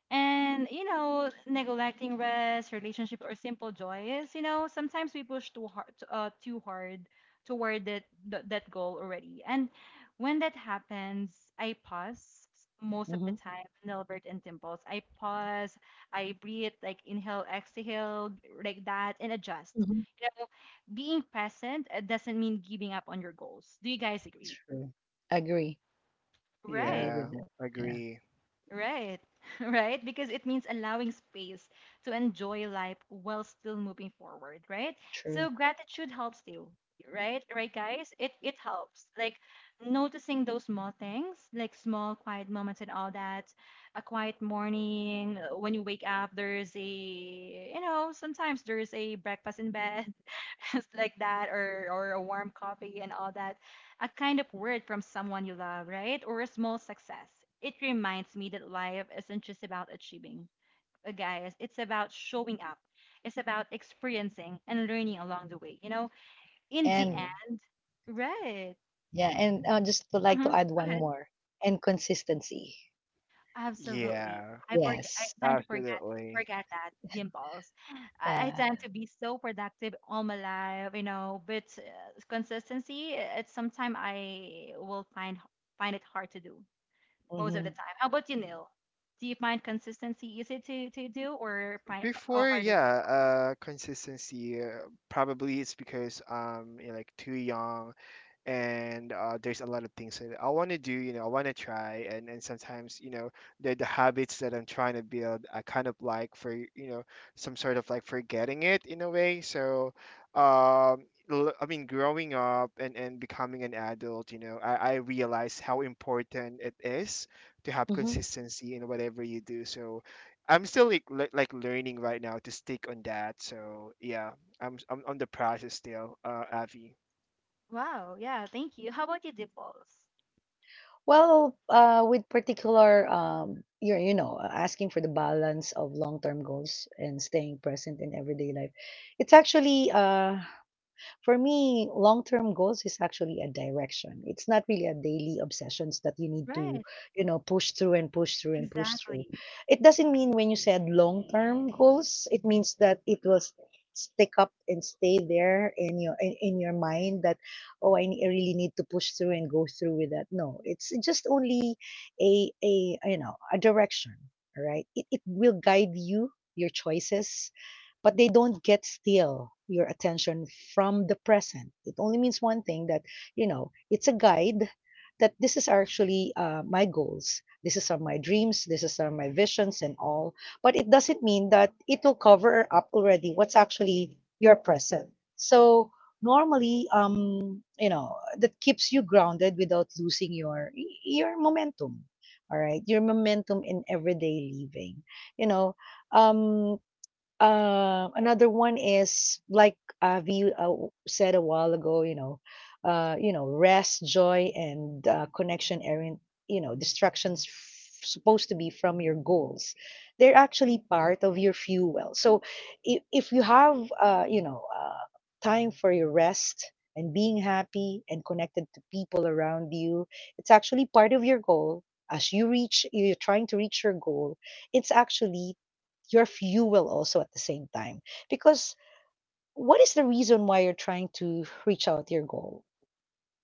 Speaker 1: And, you know, neglecting rest, relationship, or simple joys, you know, sometimes we push too hard, toward that goal already. And when that happens, I pause most of the
Speaker 3: mhm,
Speaker 1: time, Nilbert and Dimples. I pause, I breathe, like inhale, exhale, like that, and adjust.
Speaker 3: mhm.
Speaker 1: You know, being present doesn't mean giving up on your goals. Do you guys agree?
Speaker 3: True. Agree. Agree
Speaker 1: Right.
Speaker 2: Yeah.
Speaker 3: with that. Yeah,
Speaker 2: Agree.
Speaker 1: Right, right, because it means allowing space to enjoy life while still moving forward, right?
Speaker 3: true.
Speaker 1: So gratitude helps you, right? Right, guys, it helps. Like noticing those small things, like small quiet moments and all that. A quiet morning when you wake up, there's a you know sometimes there's a breakfast in bed, just like that, or a warm coffee and all that, a kind of word from someone you love, right? Or a small success. It reminds me that life isn't just about achieving. Guys, it's about showing up. It's about experiencing and learning along the way. You know, in the
Speaker 3: And
Speaker 2: Hmm
Speaker 1: end, right?
Speaker 3: yeah, and I just would like to
Speaker 1: Mm-hmm.
Speaker 3: add one
Speaker 1: Go ahead.
Speaker 3: more, and consistency.
Speaker 1: Absolutely.
Speaker 2: Yeah.
Speaker 1: I forget. I
Speaker 3: Yes.
Speaker 1: tend to forget
Speaker 2: Absolutely.
Speaker 1: that the impulse. I
Speaker 3: Yeah.
Speaker 1: tend to be so productive all my life, you know. But consistency, it's sometimes I will find it hard to do most of the
Speaker 3: Mhm,
Speaker 1: time. How about you, Neil? Do you find consistency easy to do or find or
Speaker 2: Before,
Speaker 1: hard?
Speaker 2: yeah, consistency, probably it's because you're like too young and there's a lot of things that I want to do. You know, I want to try, and sometimes you know the habits that I'm trying to build, I kind of like for you know some sort of like forgetting it in a way. So, um, I mean, growing up and becoming an adult, you know, I realize how important it is to have
Speaker 3: mhm.
Speaker 2: consistency in whatever you do. So. I'm still like, like learning right now to stick on that. So yeah, I'm on the process still, Avi.
Speaker 1: Wow, yeah, thank you. How about you, Dimples?
Speaker 3: Well, with particular, you know, asking for the balance of long-term goals and staying present in everyday life, it's actually, for me, long-term goals is actually a direction. It's not really a daily obsessions that you need to,
Speaker 1: Right.
Speaker 3: you know, push through and push through and push through.
Speaker 1: Exactly.
Speaker 3: It doesn't mean when you said long-term goals, it means that it will stick up and stay there in your, in your mind that oh I really need to push through and go through with that. No, it's just only a, you know, a direction, all right? It will guide you your choices but they don't get still your attention from the present. It only means one thing that, you know, it's a guide that this is actually my goals. This is are my dreams. This is are my visions and all. But it doesn't mean that it will cover up already what's actually your present. So normally, you know, that keeps you grounded without losing your momentum. All right, your momentum in everyday living. You know, um, Another one is like Avi said a while ago, you know, rest, joy, and, connection aren't, you know, distractions supposed to be from your goals. They're actually part of your fuel. So if you have, you know, time for your rest and being happy and connected to people around you, it's actually part of your goal. As you reach, you're trying to reach your goal, it's actually your fuel also at the same time. Because what is the reason why you're trying to reach out your goal?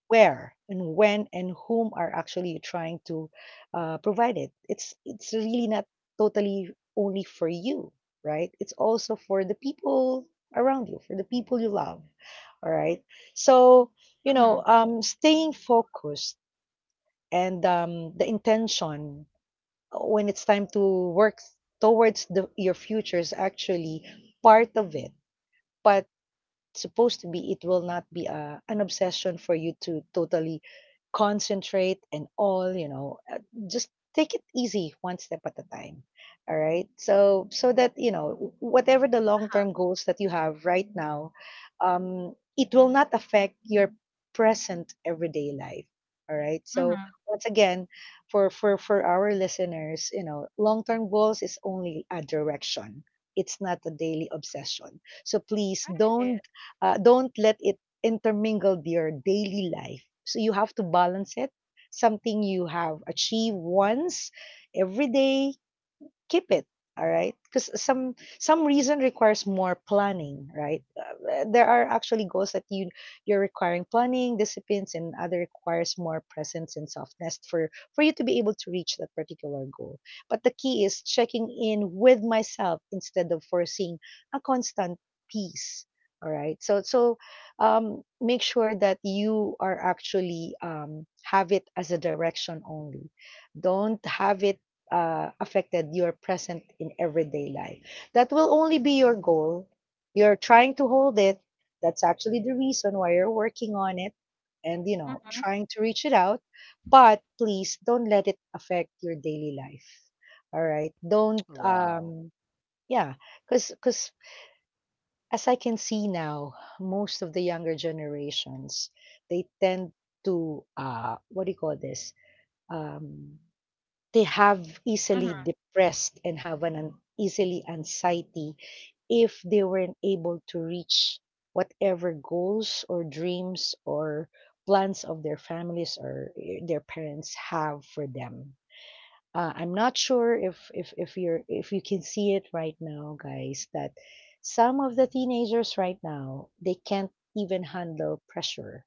Speaker 3: Where and when and whom are actually you trying to provide it? It's really not totally only for you, right? It's also for the people around you, for the people you love. All right. So, you
Speaker 1: Mm-hmm.
Speaker 3: know, staying focused and the intention when it's time to work towards the, your futures actually part of it, but supposed to be it will not be a, an obsession for you to totally concentrate and all, you know. Just take it easy one step at a time, all right? So so that you know, whatever the long term goals that you have right now, it will not affect your present everyday life. All right, so
Speaker 1: Mm-hmm.
Speaker 3: once again, for for our listeners, you know, long term goals is only a direction, it's not a daily obsession. So please
Speaker 1: Right.
Speaker 3: don't, don't let it intermingle with your daily life. So you have to balance it. Something you have achieved once every day, keep it. All right, because some reason requires more planning, right? There are actually goals that you you're requiring planning disciplines, and other requires more presence and softness for you to be able to reach that particular goal, but the key is checking in with myself instead of forcing a constant peace. All right, so make sure that you are actually have it as a direction only, don't have it affected your present in everyday life. That will only be your goal. You're trying to hold it. That's actually the reason why you're working on it and, you know,
Speaker 1: Mm-hmm.
Speaker 3: trying to reach it out. But please don't let it affect your daily life. All right. Don't,
Speaker 2: Wow.
Speaker 3: yeah, because as I can see now, most of the younger generations, they tend to, what do you call this? Um, they have easily depressed and have an easily anxiety if they weren't able to reach whatever goals or dreams or plans of their families or eh, their parents have for them. I'm not sure if, if you're if you can see it right now, guys, that some of the teenagers right now they can't even handle pressure.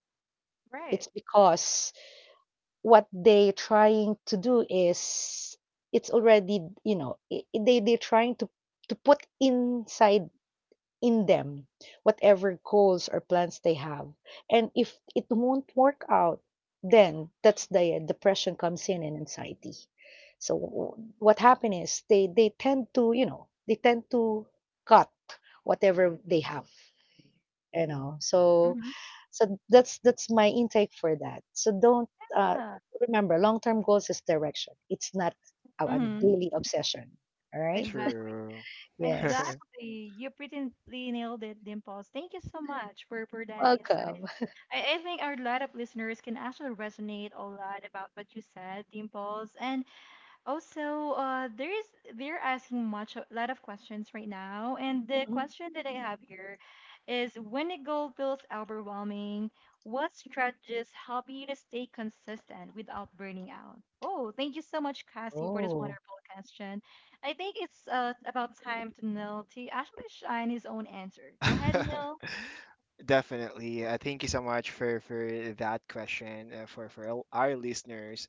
Speaker 3: It's
Speaker 1: Right.
Speaker 3: because what they trying to do is it's already, you know, they they're trying to put inside in them whatever goals or plans they have, and if it won't work out, then that's the depression comes in and anxiety. So what happen is they tend to, you know, they tend to cut whatever they have, you know. So
Speaker 1: Hmm.
Speaker 3: so that's my intake for that. So don't, uh,
Speaker 1: Yeah.
Speaker 3: remember long term goals is direction. It's not a, a
Speaker 1: Mm-hmm.
Speaker 3: daily obsession. All right.
Speaker 1: Exactly.
Speaker 2: True.
Speaker 3: Yes.
Speaker 1: Exactly. You pretty nailed it, Dimples. Thank you so much for that insight.
Speaker 3: Welcome.
Speaker 1: I think our lot of listeners can actually resonate a lot about what you said, Dimples. And also, there's they're asking much a lot of questions right now, and the
Speaker 3: Mhm.
Speaker 1: question that I have here is: when a goal feels overwhelming, what strategies help you to stay consistent without burning out? Oh, thank you so much, Cassie, for this
Speaker 3: Oh.
Speaker 1: wonderful question. I think it's about time to Neil to actually shine his own answer. Go ahead, Neil.
Speaker 2: Definitely. Thank you so much for that question for all our listeners.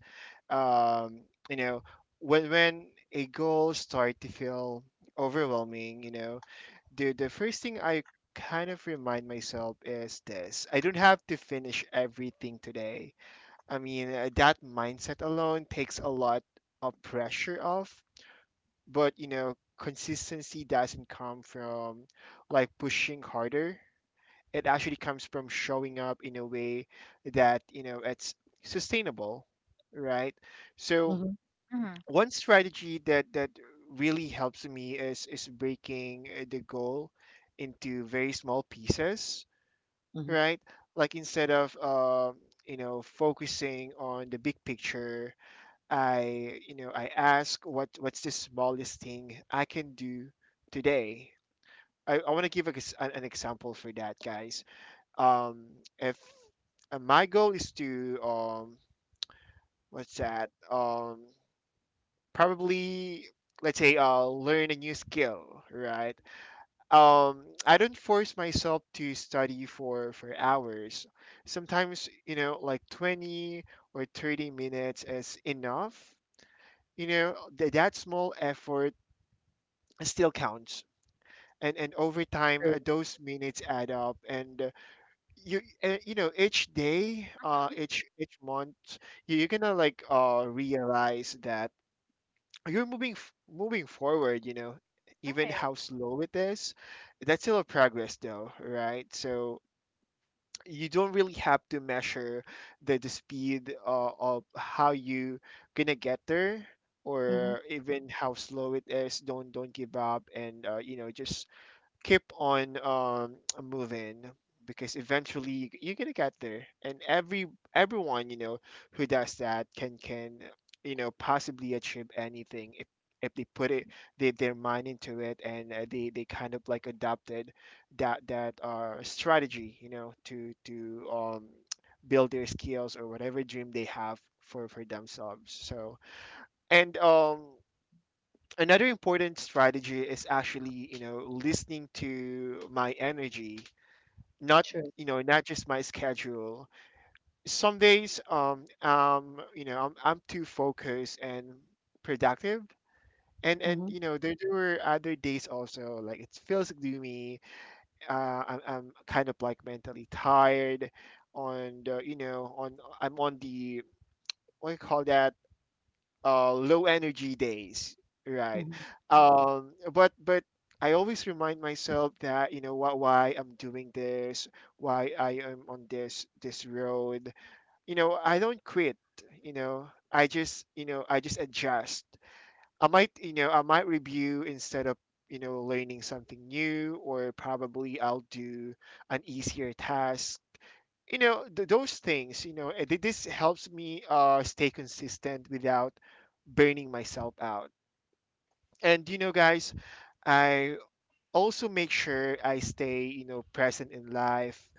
Speaker 2: You know, when a goal start to feel overwhelming, you know, the first thing I kind of remind myself is this: I don't have to finish everything today. I mean, that mindset alone takes a lot of pressure off, but you know, consistency doesn't come from like pushing harder. It actually comes from showing up in a way that, you know, it's sustainable, right? So
Speaker 3: Mm-hmm.
Speaker 1: Mm-hmm.
Speaker 2: one strategy that really helps me is breaking the goal into very small pieces,
Speaker 3: Hmm.
Speaker 2: right? Like instead of you know, focusing on the big picture, I, you know, I ask what what's the smallest thing I can do today. I want to give a, ex- an example for that, guys. Um, if my goal is to what's that? Probably let's say learn a new skill, right? I don't force myself to study for hours. Sometimes, you know, like 20 or 30 minutes is enough. You know that small effort still counts, and over time
Speaker 3: True.
Speaker 2: those minutes add up, and you know, each day each month you, you're gonna like realize that you're moving moving forward, you know, even
Speaker 1: Right.
Speaker 2: how slow it is, that's still a progress though, right? So you don't really have to measure the speed of how you gonna get there,
Speaker 3: Hmm.
Speaker 2: or even how slow it is. Don't give up, and you know, just keep on moving, because eventually you're gonna get there, and every everyone you know who does that can you know possibly achieve anything if they put it, they, their mind into it, and they kind of like adopted that strategy, you know, to build their skills or whatever dream they have for themselves. So, and another important strategy is actually, you know, listening to my energy, not,
Speaker 3: True.
Speaker 2: you know, not just my schedule. Some days you know I'm too focused and productive, and
Speaker 3: Hmm.
Speaker 2: you know there, there were other days also, like it feels gloomy, I'm kind of like mentally tired on the, you know, on I'm on the, what do you call that, low energy days, right?
Speaker 3: Hmm.
Speaker 2: But I always remind myself that, you know, what, why I'm doing this, why I am on this this road. You know I don't quit. You know I just, you know, I just adjust. I might, you know, I might review instead of, you know, learning something new, or probably I'll do an easier task. You know, those things, you know, this helps me stay consistent without burning myself out. And, you know, guys, I also make sure I stay, you know, present in life.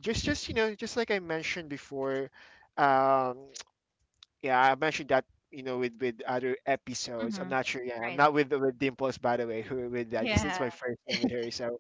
Speaker 2: Just, you know, just like I mentioned before, um, yeah, I mentioned that, you know, with other episodes. I'm
Speaker 1: Mm-hmm.
Speaker 2: not sure. Yeah, I'm
Speaker 1: Right.
Speaker 2: not with Dimples, by the way, who with that, because it's
Speaker 1: Yeah.
Speaker 2: my first time with her. So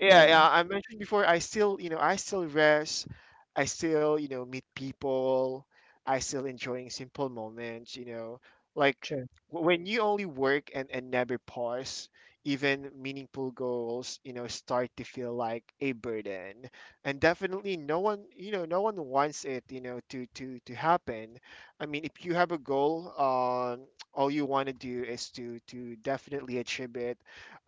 Speaker 2: yeah,
Speaker 3: Yeah.
Speaker 2: yeah. I mentioned before, I still, you know, I still rest. I still, you know, meet people. I still enjoying simple moments, you know, like
Speaker 3: True.
Speaker 2: when you only work and never pause, even meaningful goals, you know, start to feel like a burden. And definitely no one, you know, no one wants it, you know, to to happen. I mean, if you have a goal, all you want to do is to definitely achieve it,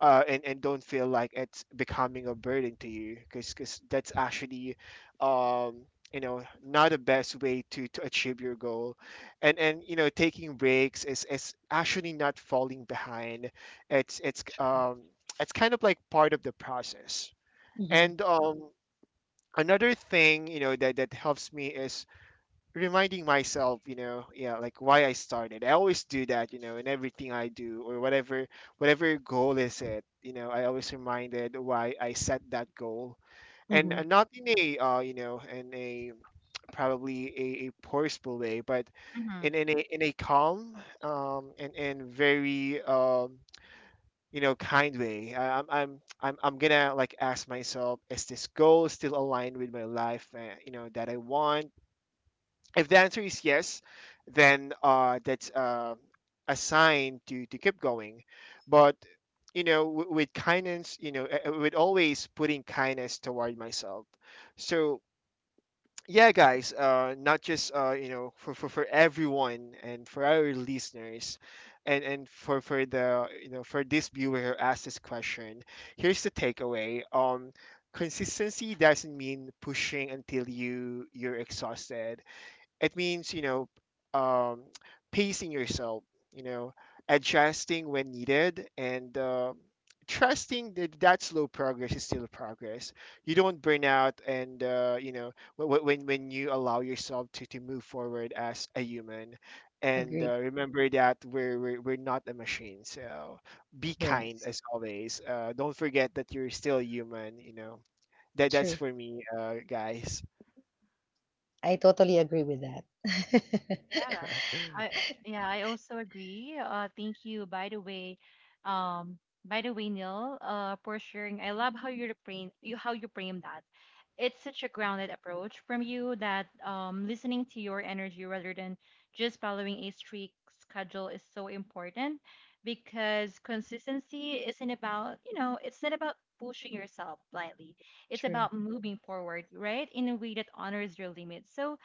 Speaker 2: and don't feel like it's becoming a burden to you, because that's actually um you know not the best way to achieve your goal. And you know taking breaks is actually not falling behind. It's it's kind of like part of the process.
Speaker 3: Hmm.
Speaker 2: And another thing, you know, that helps me is reminding myself, you know, yeah, like why I started. I always do that, you know, in everything I do, or whatever goal is it, you know, I always reminded why I set that goal. And
Speaker 3: Hmm.
Speaker 2: not in a you know, in a probably a forceful way, but
Speaker 1: Mm-hmm.
Speaker 2: in a calm and very you know kind way. I, I'm gonna like ask myself, is this goal still aligned with my life? You know, that I want. If the answer is yes, then that's a sign to keep going. But, you know, with kindness, you know, with always putting kindness toward myself. So, yeah, guys, not just, you know, for, for everyone and for our listeners, and for the, you know, for this viewer who asked this question, here's the takeaway. Consistency doesn't mean pushing until you you're exhausted. It means, you know, um, pacing yourself, you know, adjusting when needed, and trusting that slow progress is still progress. You don't burn out, and you know, when you allow yourself to move forward as a human. And
Speaker 3: Agree.
Speaker 2: remember that we're not a machine. So be kind
Speaker 3: Yes.
Speaker 2: as always. Don't forget that you're still human, you know. That's
Speaker 3: True.
Speaker 2: for me, guys.
Speaker 3: I totally agree with that.
Speaker 1: Yeah. I Yeah, I also agree. Thank you by the way. Um by the way, Neil, for sharing. I love how you frame you how you frame that. It's such a grounded approach from you that listening to your energy rather than just following a strict schedule is so important, because consistency isn't about, you know, it's not about pushing yourself blindly. It's
Speaker 3: True.
Speaker 1: about moving forward, right? In a way that honors your limits. So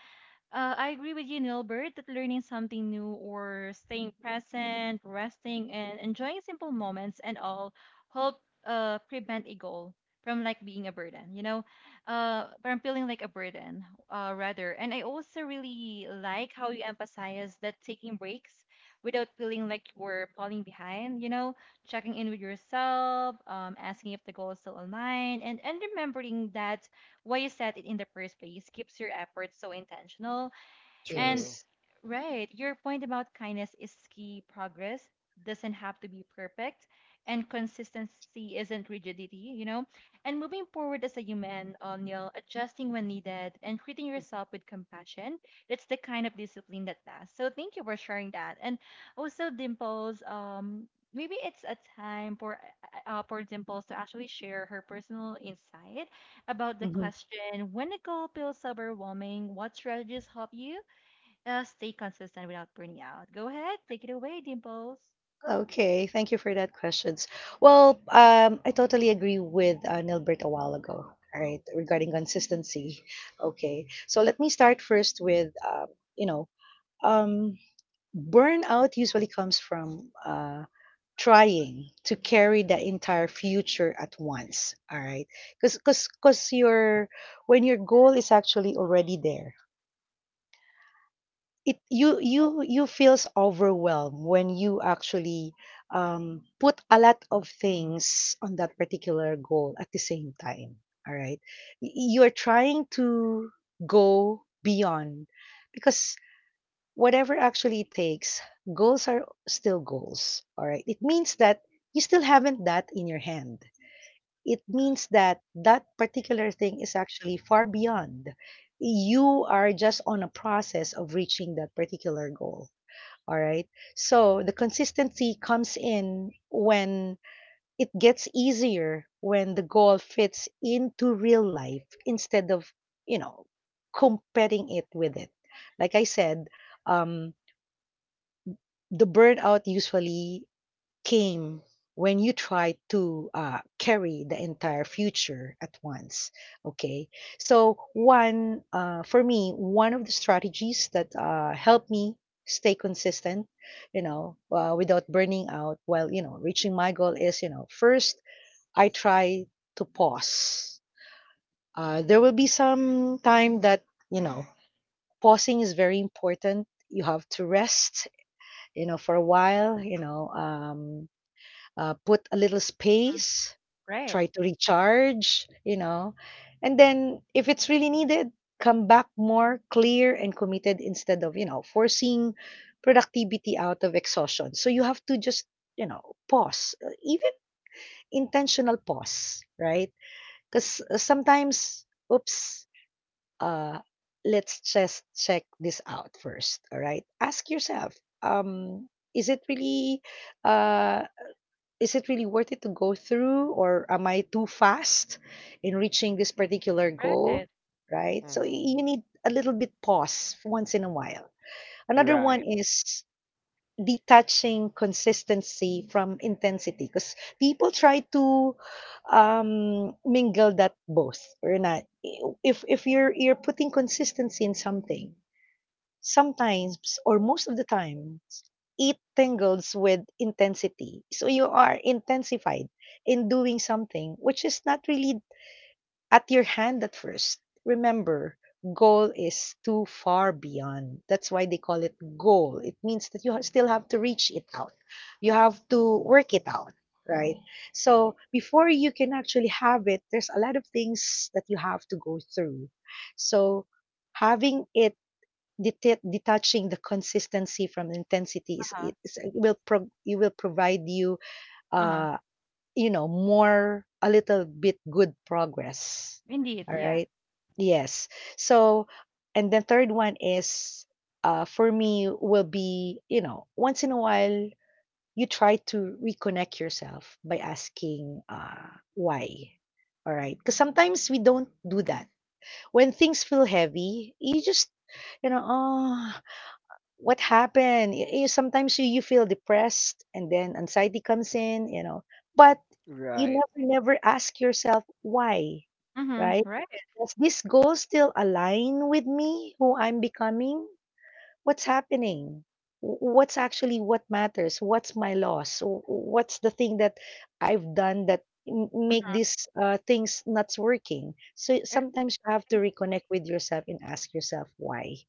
Speaker 1: I agree with you, Nilbert, that learning something new or staying present, resting, and enjoying simple moments and all help prevent a goal from like being a burden, you know, from feeling like a burden rather. And I also really like how you emphasize that taking breaks without feeling like you're falling behind, you know, checking in with yourself, asking if the goal is still aligned, and remembering that why you set it in the first place keeps your efforts so intentional, and
Speaker 2: True.
Speaker 3: Yes.
Speaker 1: right, your point about kindness is key. Progress doesn't have to be perfect, and consistency isn't rigidity, you know. And moving forward as a human, Neil, adjusting when needed and treating yourself with compassion, that's the kind of discipline that lasts. So thank you for sharing that. And also, Dimples, maybe it's a time for Dimples to actually share her personal insight about the
Speaker 3: Hmm.
Speaker 1: question: when a goal feels overwhelming, what strategies help you stay consistent without burning out? Go ahead, take it away, Dimples.
Speaker 3: Okay, thank you for that questions. Well, I totally agree with, Nilbert a while ago. All right, regarding consistency. Okay, so let me start first with, you know, um, burnout usually comes from trying to carry the entire future at once. All right, because your, when your goal is actually already there, it you you feels overwhelmed when you actually put a lot of things on that particular goal at the same time, all right. You're trying to go beyond because whatever actually it takes, goals are still goals. All right. It means that you still haven't that in your hand. It means that that particular thing is actually far beyond. You are just on a process of reaching that particular goal. All right. So the consistency comes in when it gets easier when the goal fits into real life instead of, you know, competing it with it. Like I said, um, the burnout usually came when you try to carry the entire future at once. Okay, so one for me, one of the strategies that helped me stay consistent, without burning out while reaching my goal, is first I try to pause. There will be some time that, you know pausing is very important. You have to rest, for a while, put a little
Speaker 1: Mm.
Speaker 3: space,
Speaker 1: Right.
Speaker 3: try to recharge, and then if it's really needed, come back more clear and committed instead of, forcing productivity out of exhaustion. So you have to just, pause, even intentional pause, right? Because sometimes, oops, uh, let's just check this out first. All right, ask yourself, um is it really, uh is it really worth it to go through, or am I too fast in reaching this particular goal?
Speaker 1: Right.
Speaker 3: Right, so
Speaker 2: Hmm
Speaker 3: you need a little bit pause once in a while. Another
Speaker 2: Right.
Speaker 3: one is detaching consistency from intensity, because people try to mingle that both or not. If you're putting consistency in something, sometimes or most of the time, it tangles with intensity, so you are intensified in doing something which is not really at your hand at first. Remember, goal is too far beyond. That's why they call it goal. It means that you still have to reach it out. You have to work it out, right? So before you can actually have it, there's a lot of things that you have to go through. So having it, detaching the consistency from intensity,
Speaker 1: Uh-huh.
Speaker 3: it will it will provide you
Speaker 1: Uh-huh.
Speaker 3: uh more a little bit good progress.
Speaker 1: Indeed,
Speaker 3: All
Speaker 1: yeah.
Speaker 3: right. Yes. So, and the third one is, for me, will be, once in a while, you try to reconnect yourself by asking, why. All right. Because sometimes we don't do that. When things feel heavy, you just, oh, what happened? Y You sometimes you feel depressed and then anxiety comes in, but you
Speaker 2: Right.
Speaker 3: never, never ask yourself why,
Speaker 1: Mm-hmm.
Speaker 3: right?
Speaker 1: Right.
Speaker 3: Does this goal still align with me, who I'm becoming? What's happening? What's actually, what matters? What's my loss? What's the thing that I've done that make these things not working? So sometimes you have to reconnect with yourself and ask yourself why.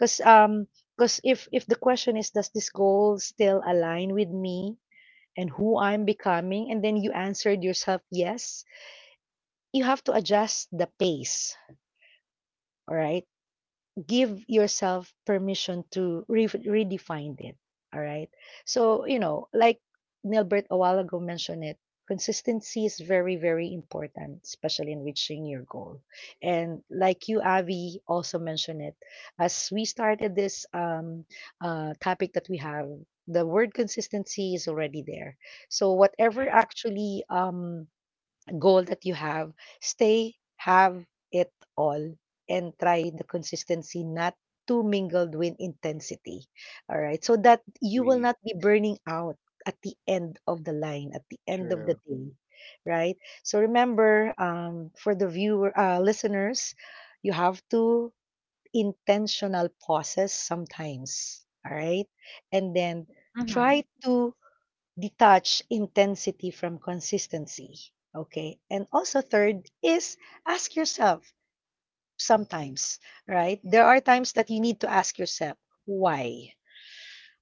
Speaker 3: Cause cause if the question is, does this goal still align with me and who I'm becoming, and then you answered yourself yes, you have to adjust the pace. All right, give yourself permission to redefine it. All right. So, like Nilbert a while ago mentioned it, consistency is very, very important, especially in reaching your goal. And like you, Avi, also mentioned it, as we started this topic that we have, the word consistency is already there. So, whatever actually goal that you have, stay, have it all, and try the consistency not too mingled with intensity. All right. So that you will
Speaker 2: We
Speaker 3: not be burning out at the end of the line, at the end of the
Speaker 2: true.
Speaker 3: day. Right. So remember, for the viewer, listeners, you have to intentional pauses sometimes. All right. And then
Speaker 1: Mm-hmm.
Speaker 3: try to detach intensity from consistency. Okay. And also, third is ask yourself sometimes, right? There are times that you need to ask yourself, why?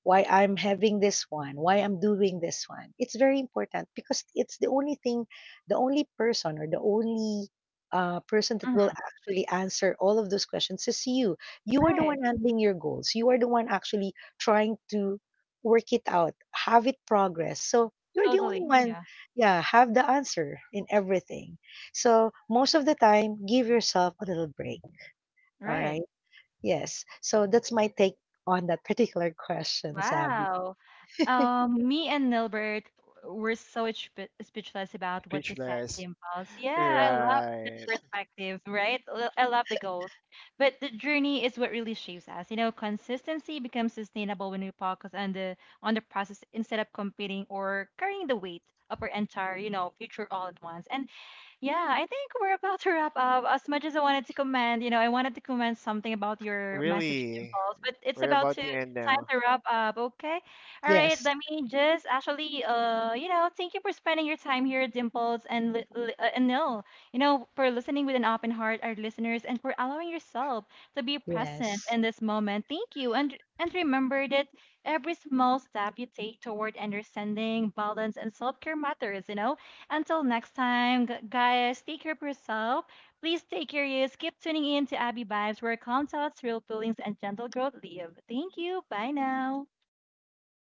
Speaker 3: Why I'm having this one, why I'm doing this one. It's very important because it's the only thing, the only person, or the only person that will
Speaker 1: Mm-hmm.
Speaker 3: actually answer all of those questions is you. You are the
Speaker 1: Right.
Speaker 3: one handling your goals. You are the one actually trying to work it out, have it progress. So you're the only
Speaker 1: Totally.
Speaker 3: one,
Speaker 1: Yeah.
Speaker 3: yeah, have the answer in everything. So most of the time, give yourself a little break. All
Speaker 1: Right.
Speaker 3: right. Yes. So that's my take on that particular question, Sav.
Speaker 1: Wow. Me and Nilbert were so speechless about what you said,
Speaker 2: Speechless.
Speaker 1: Dimples. Yeah, I love that
Speaker 2: Right.
Speaker 1: perspective, right? I love the goals. But the journey is what really shapes us. You know, consistency becomes sustainable when we focus on the process instead of competing or carrying the weight of our entire, you know, future all at once. And yeah, I think we're about to wrap up. As much as I wanted to comment, you know, I wanted to comment something about your message
Speaker 2: Really.
Speaker 1: impulse, but
Speaker 2: We're
Speaker 1: it's
Speaker 2: about
Speaker 1: about
Speaker 2: to
Speaker 1: to
Speaker 2: end now.
Speaker 1: time to wrap up. Okay. All right.
Speaker 3: Yes,
Speaker 1: Let me just actually, you know, thank you for spending your time here, Dimples and and Nil. You know, for listening with an open heart, our listeners, and for allowing yourself to be present
Speaker 3: yes.
Speaker 1: in this moment. Thank you, and remember that every small step you take toward understanding, balance, and self care matters. You know. Until next time, guys, take care of yourself. Please stay curious, keep tuning in to Abby Vibes, where calm thoughts, real feelings, and gentle growth live. Thank you. Bye now.
Speaker 3: Thank you.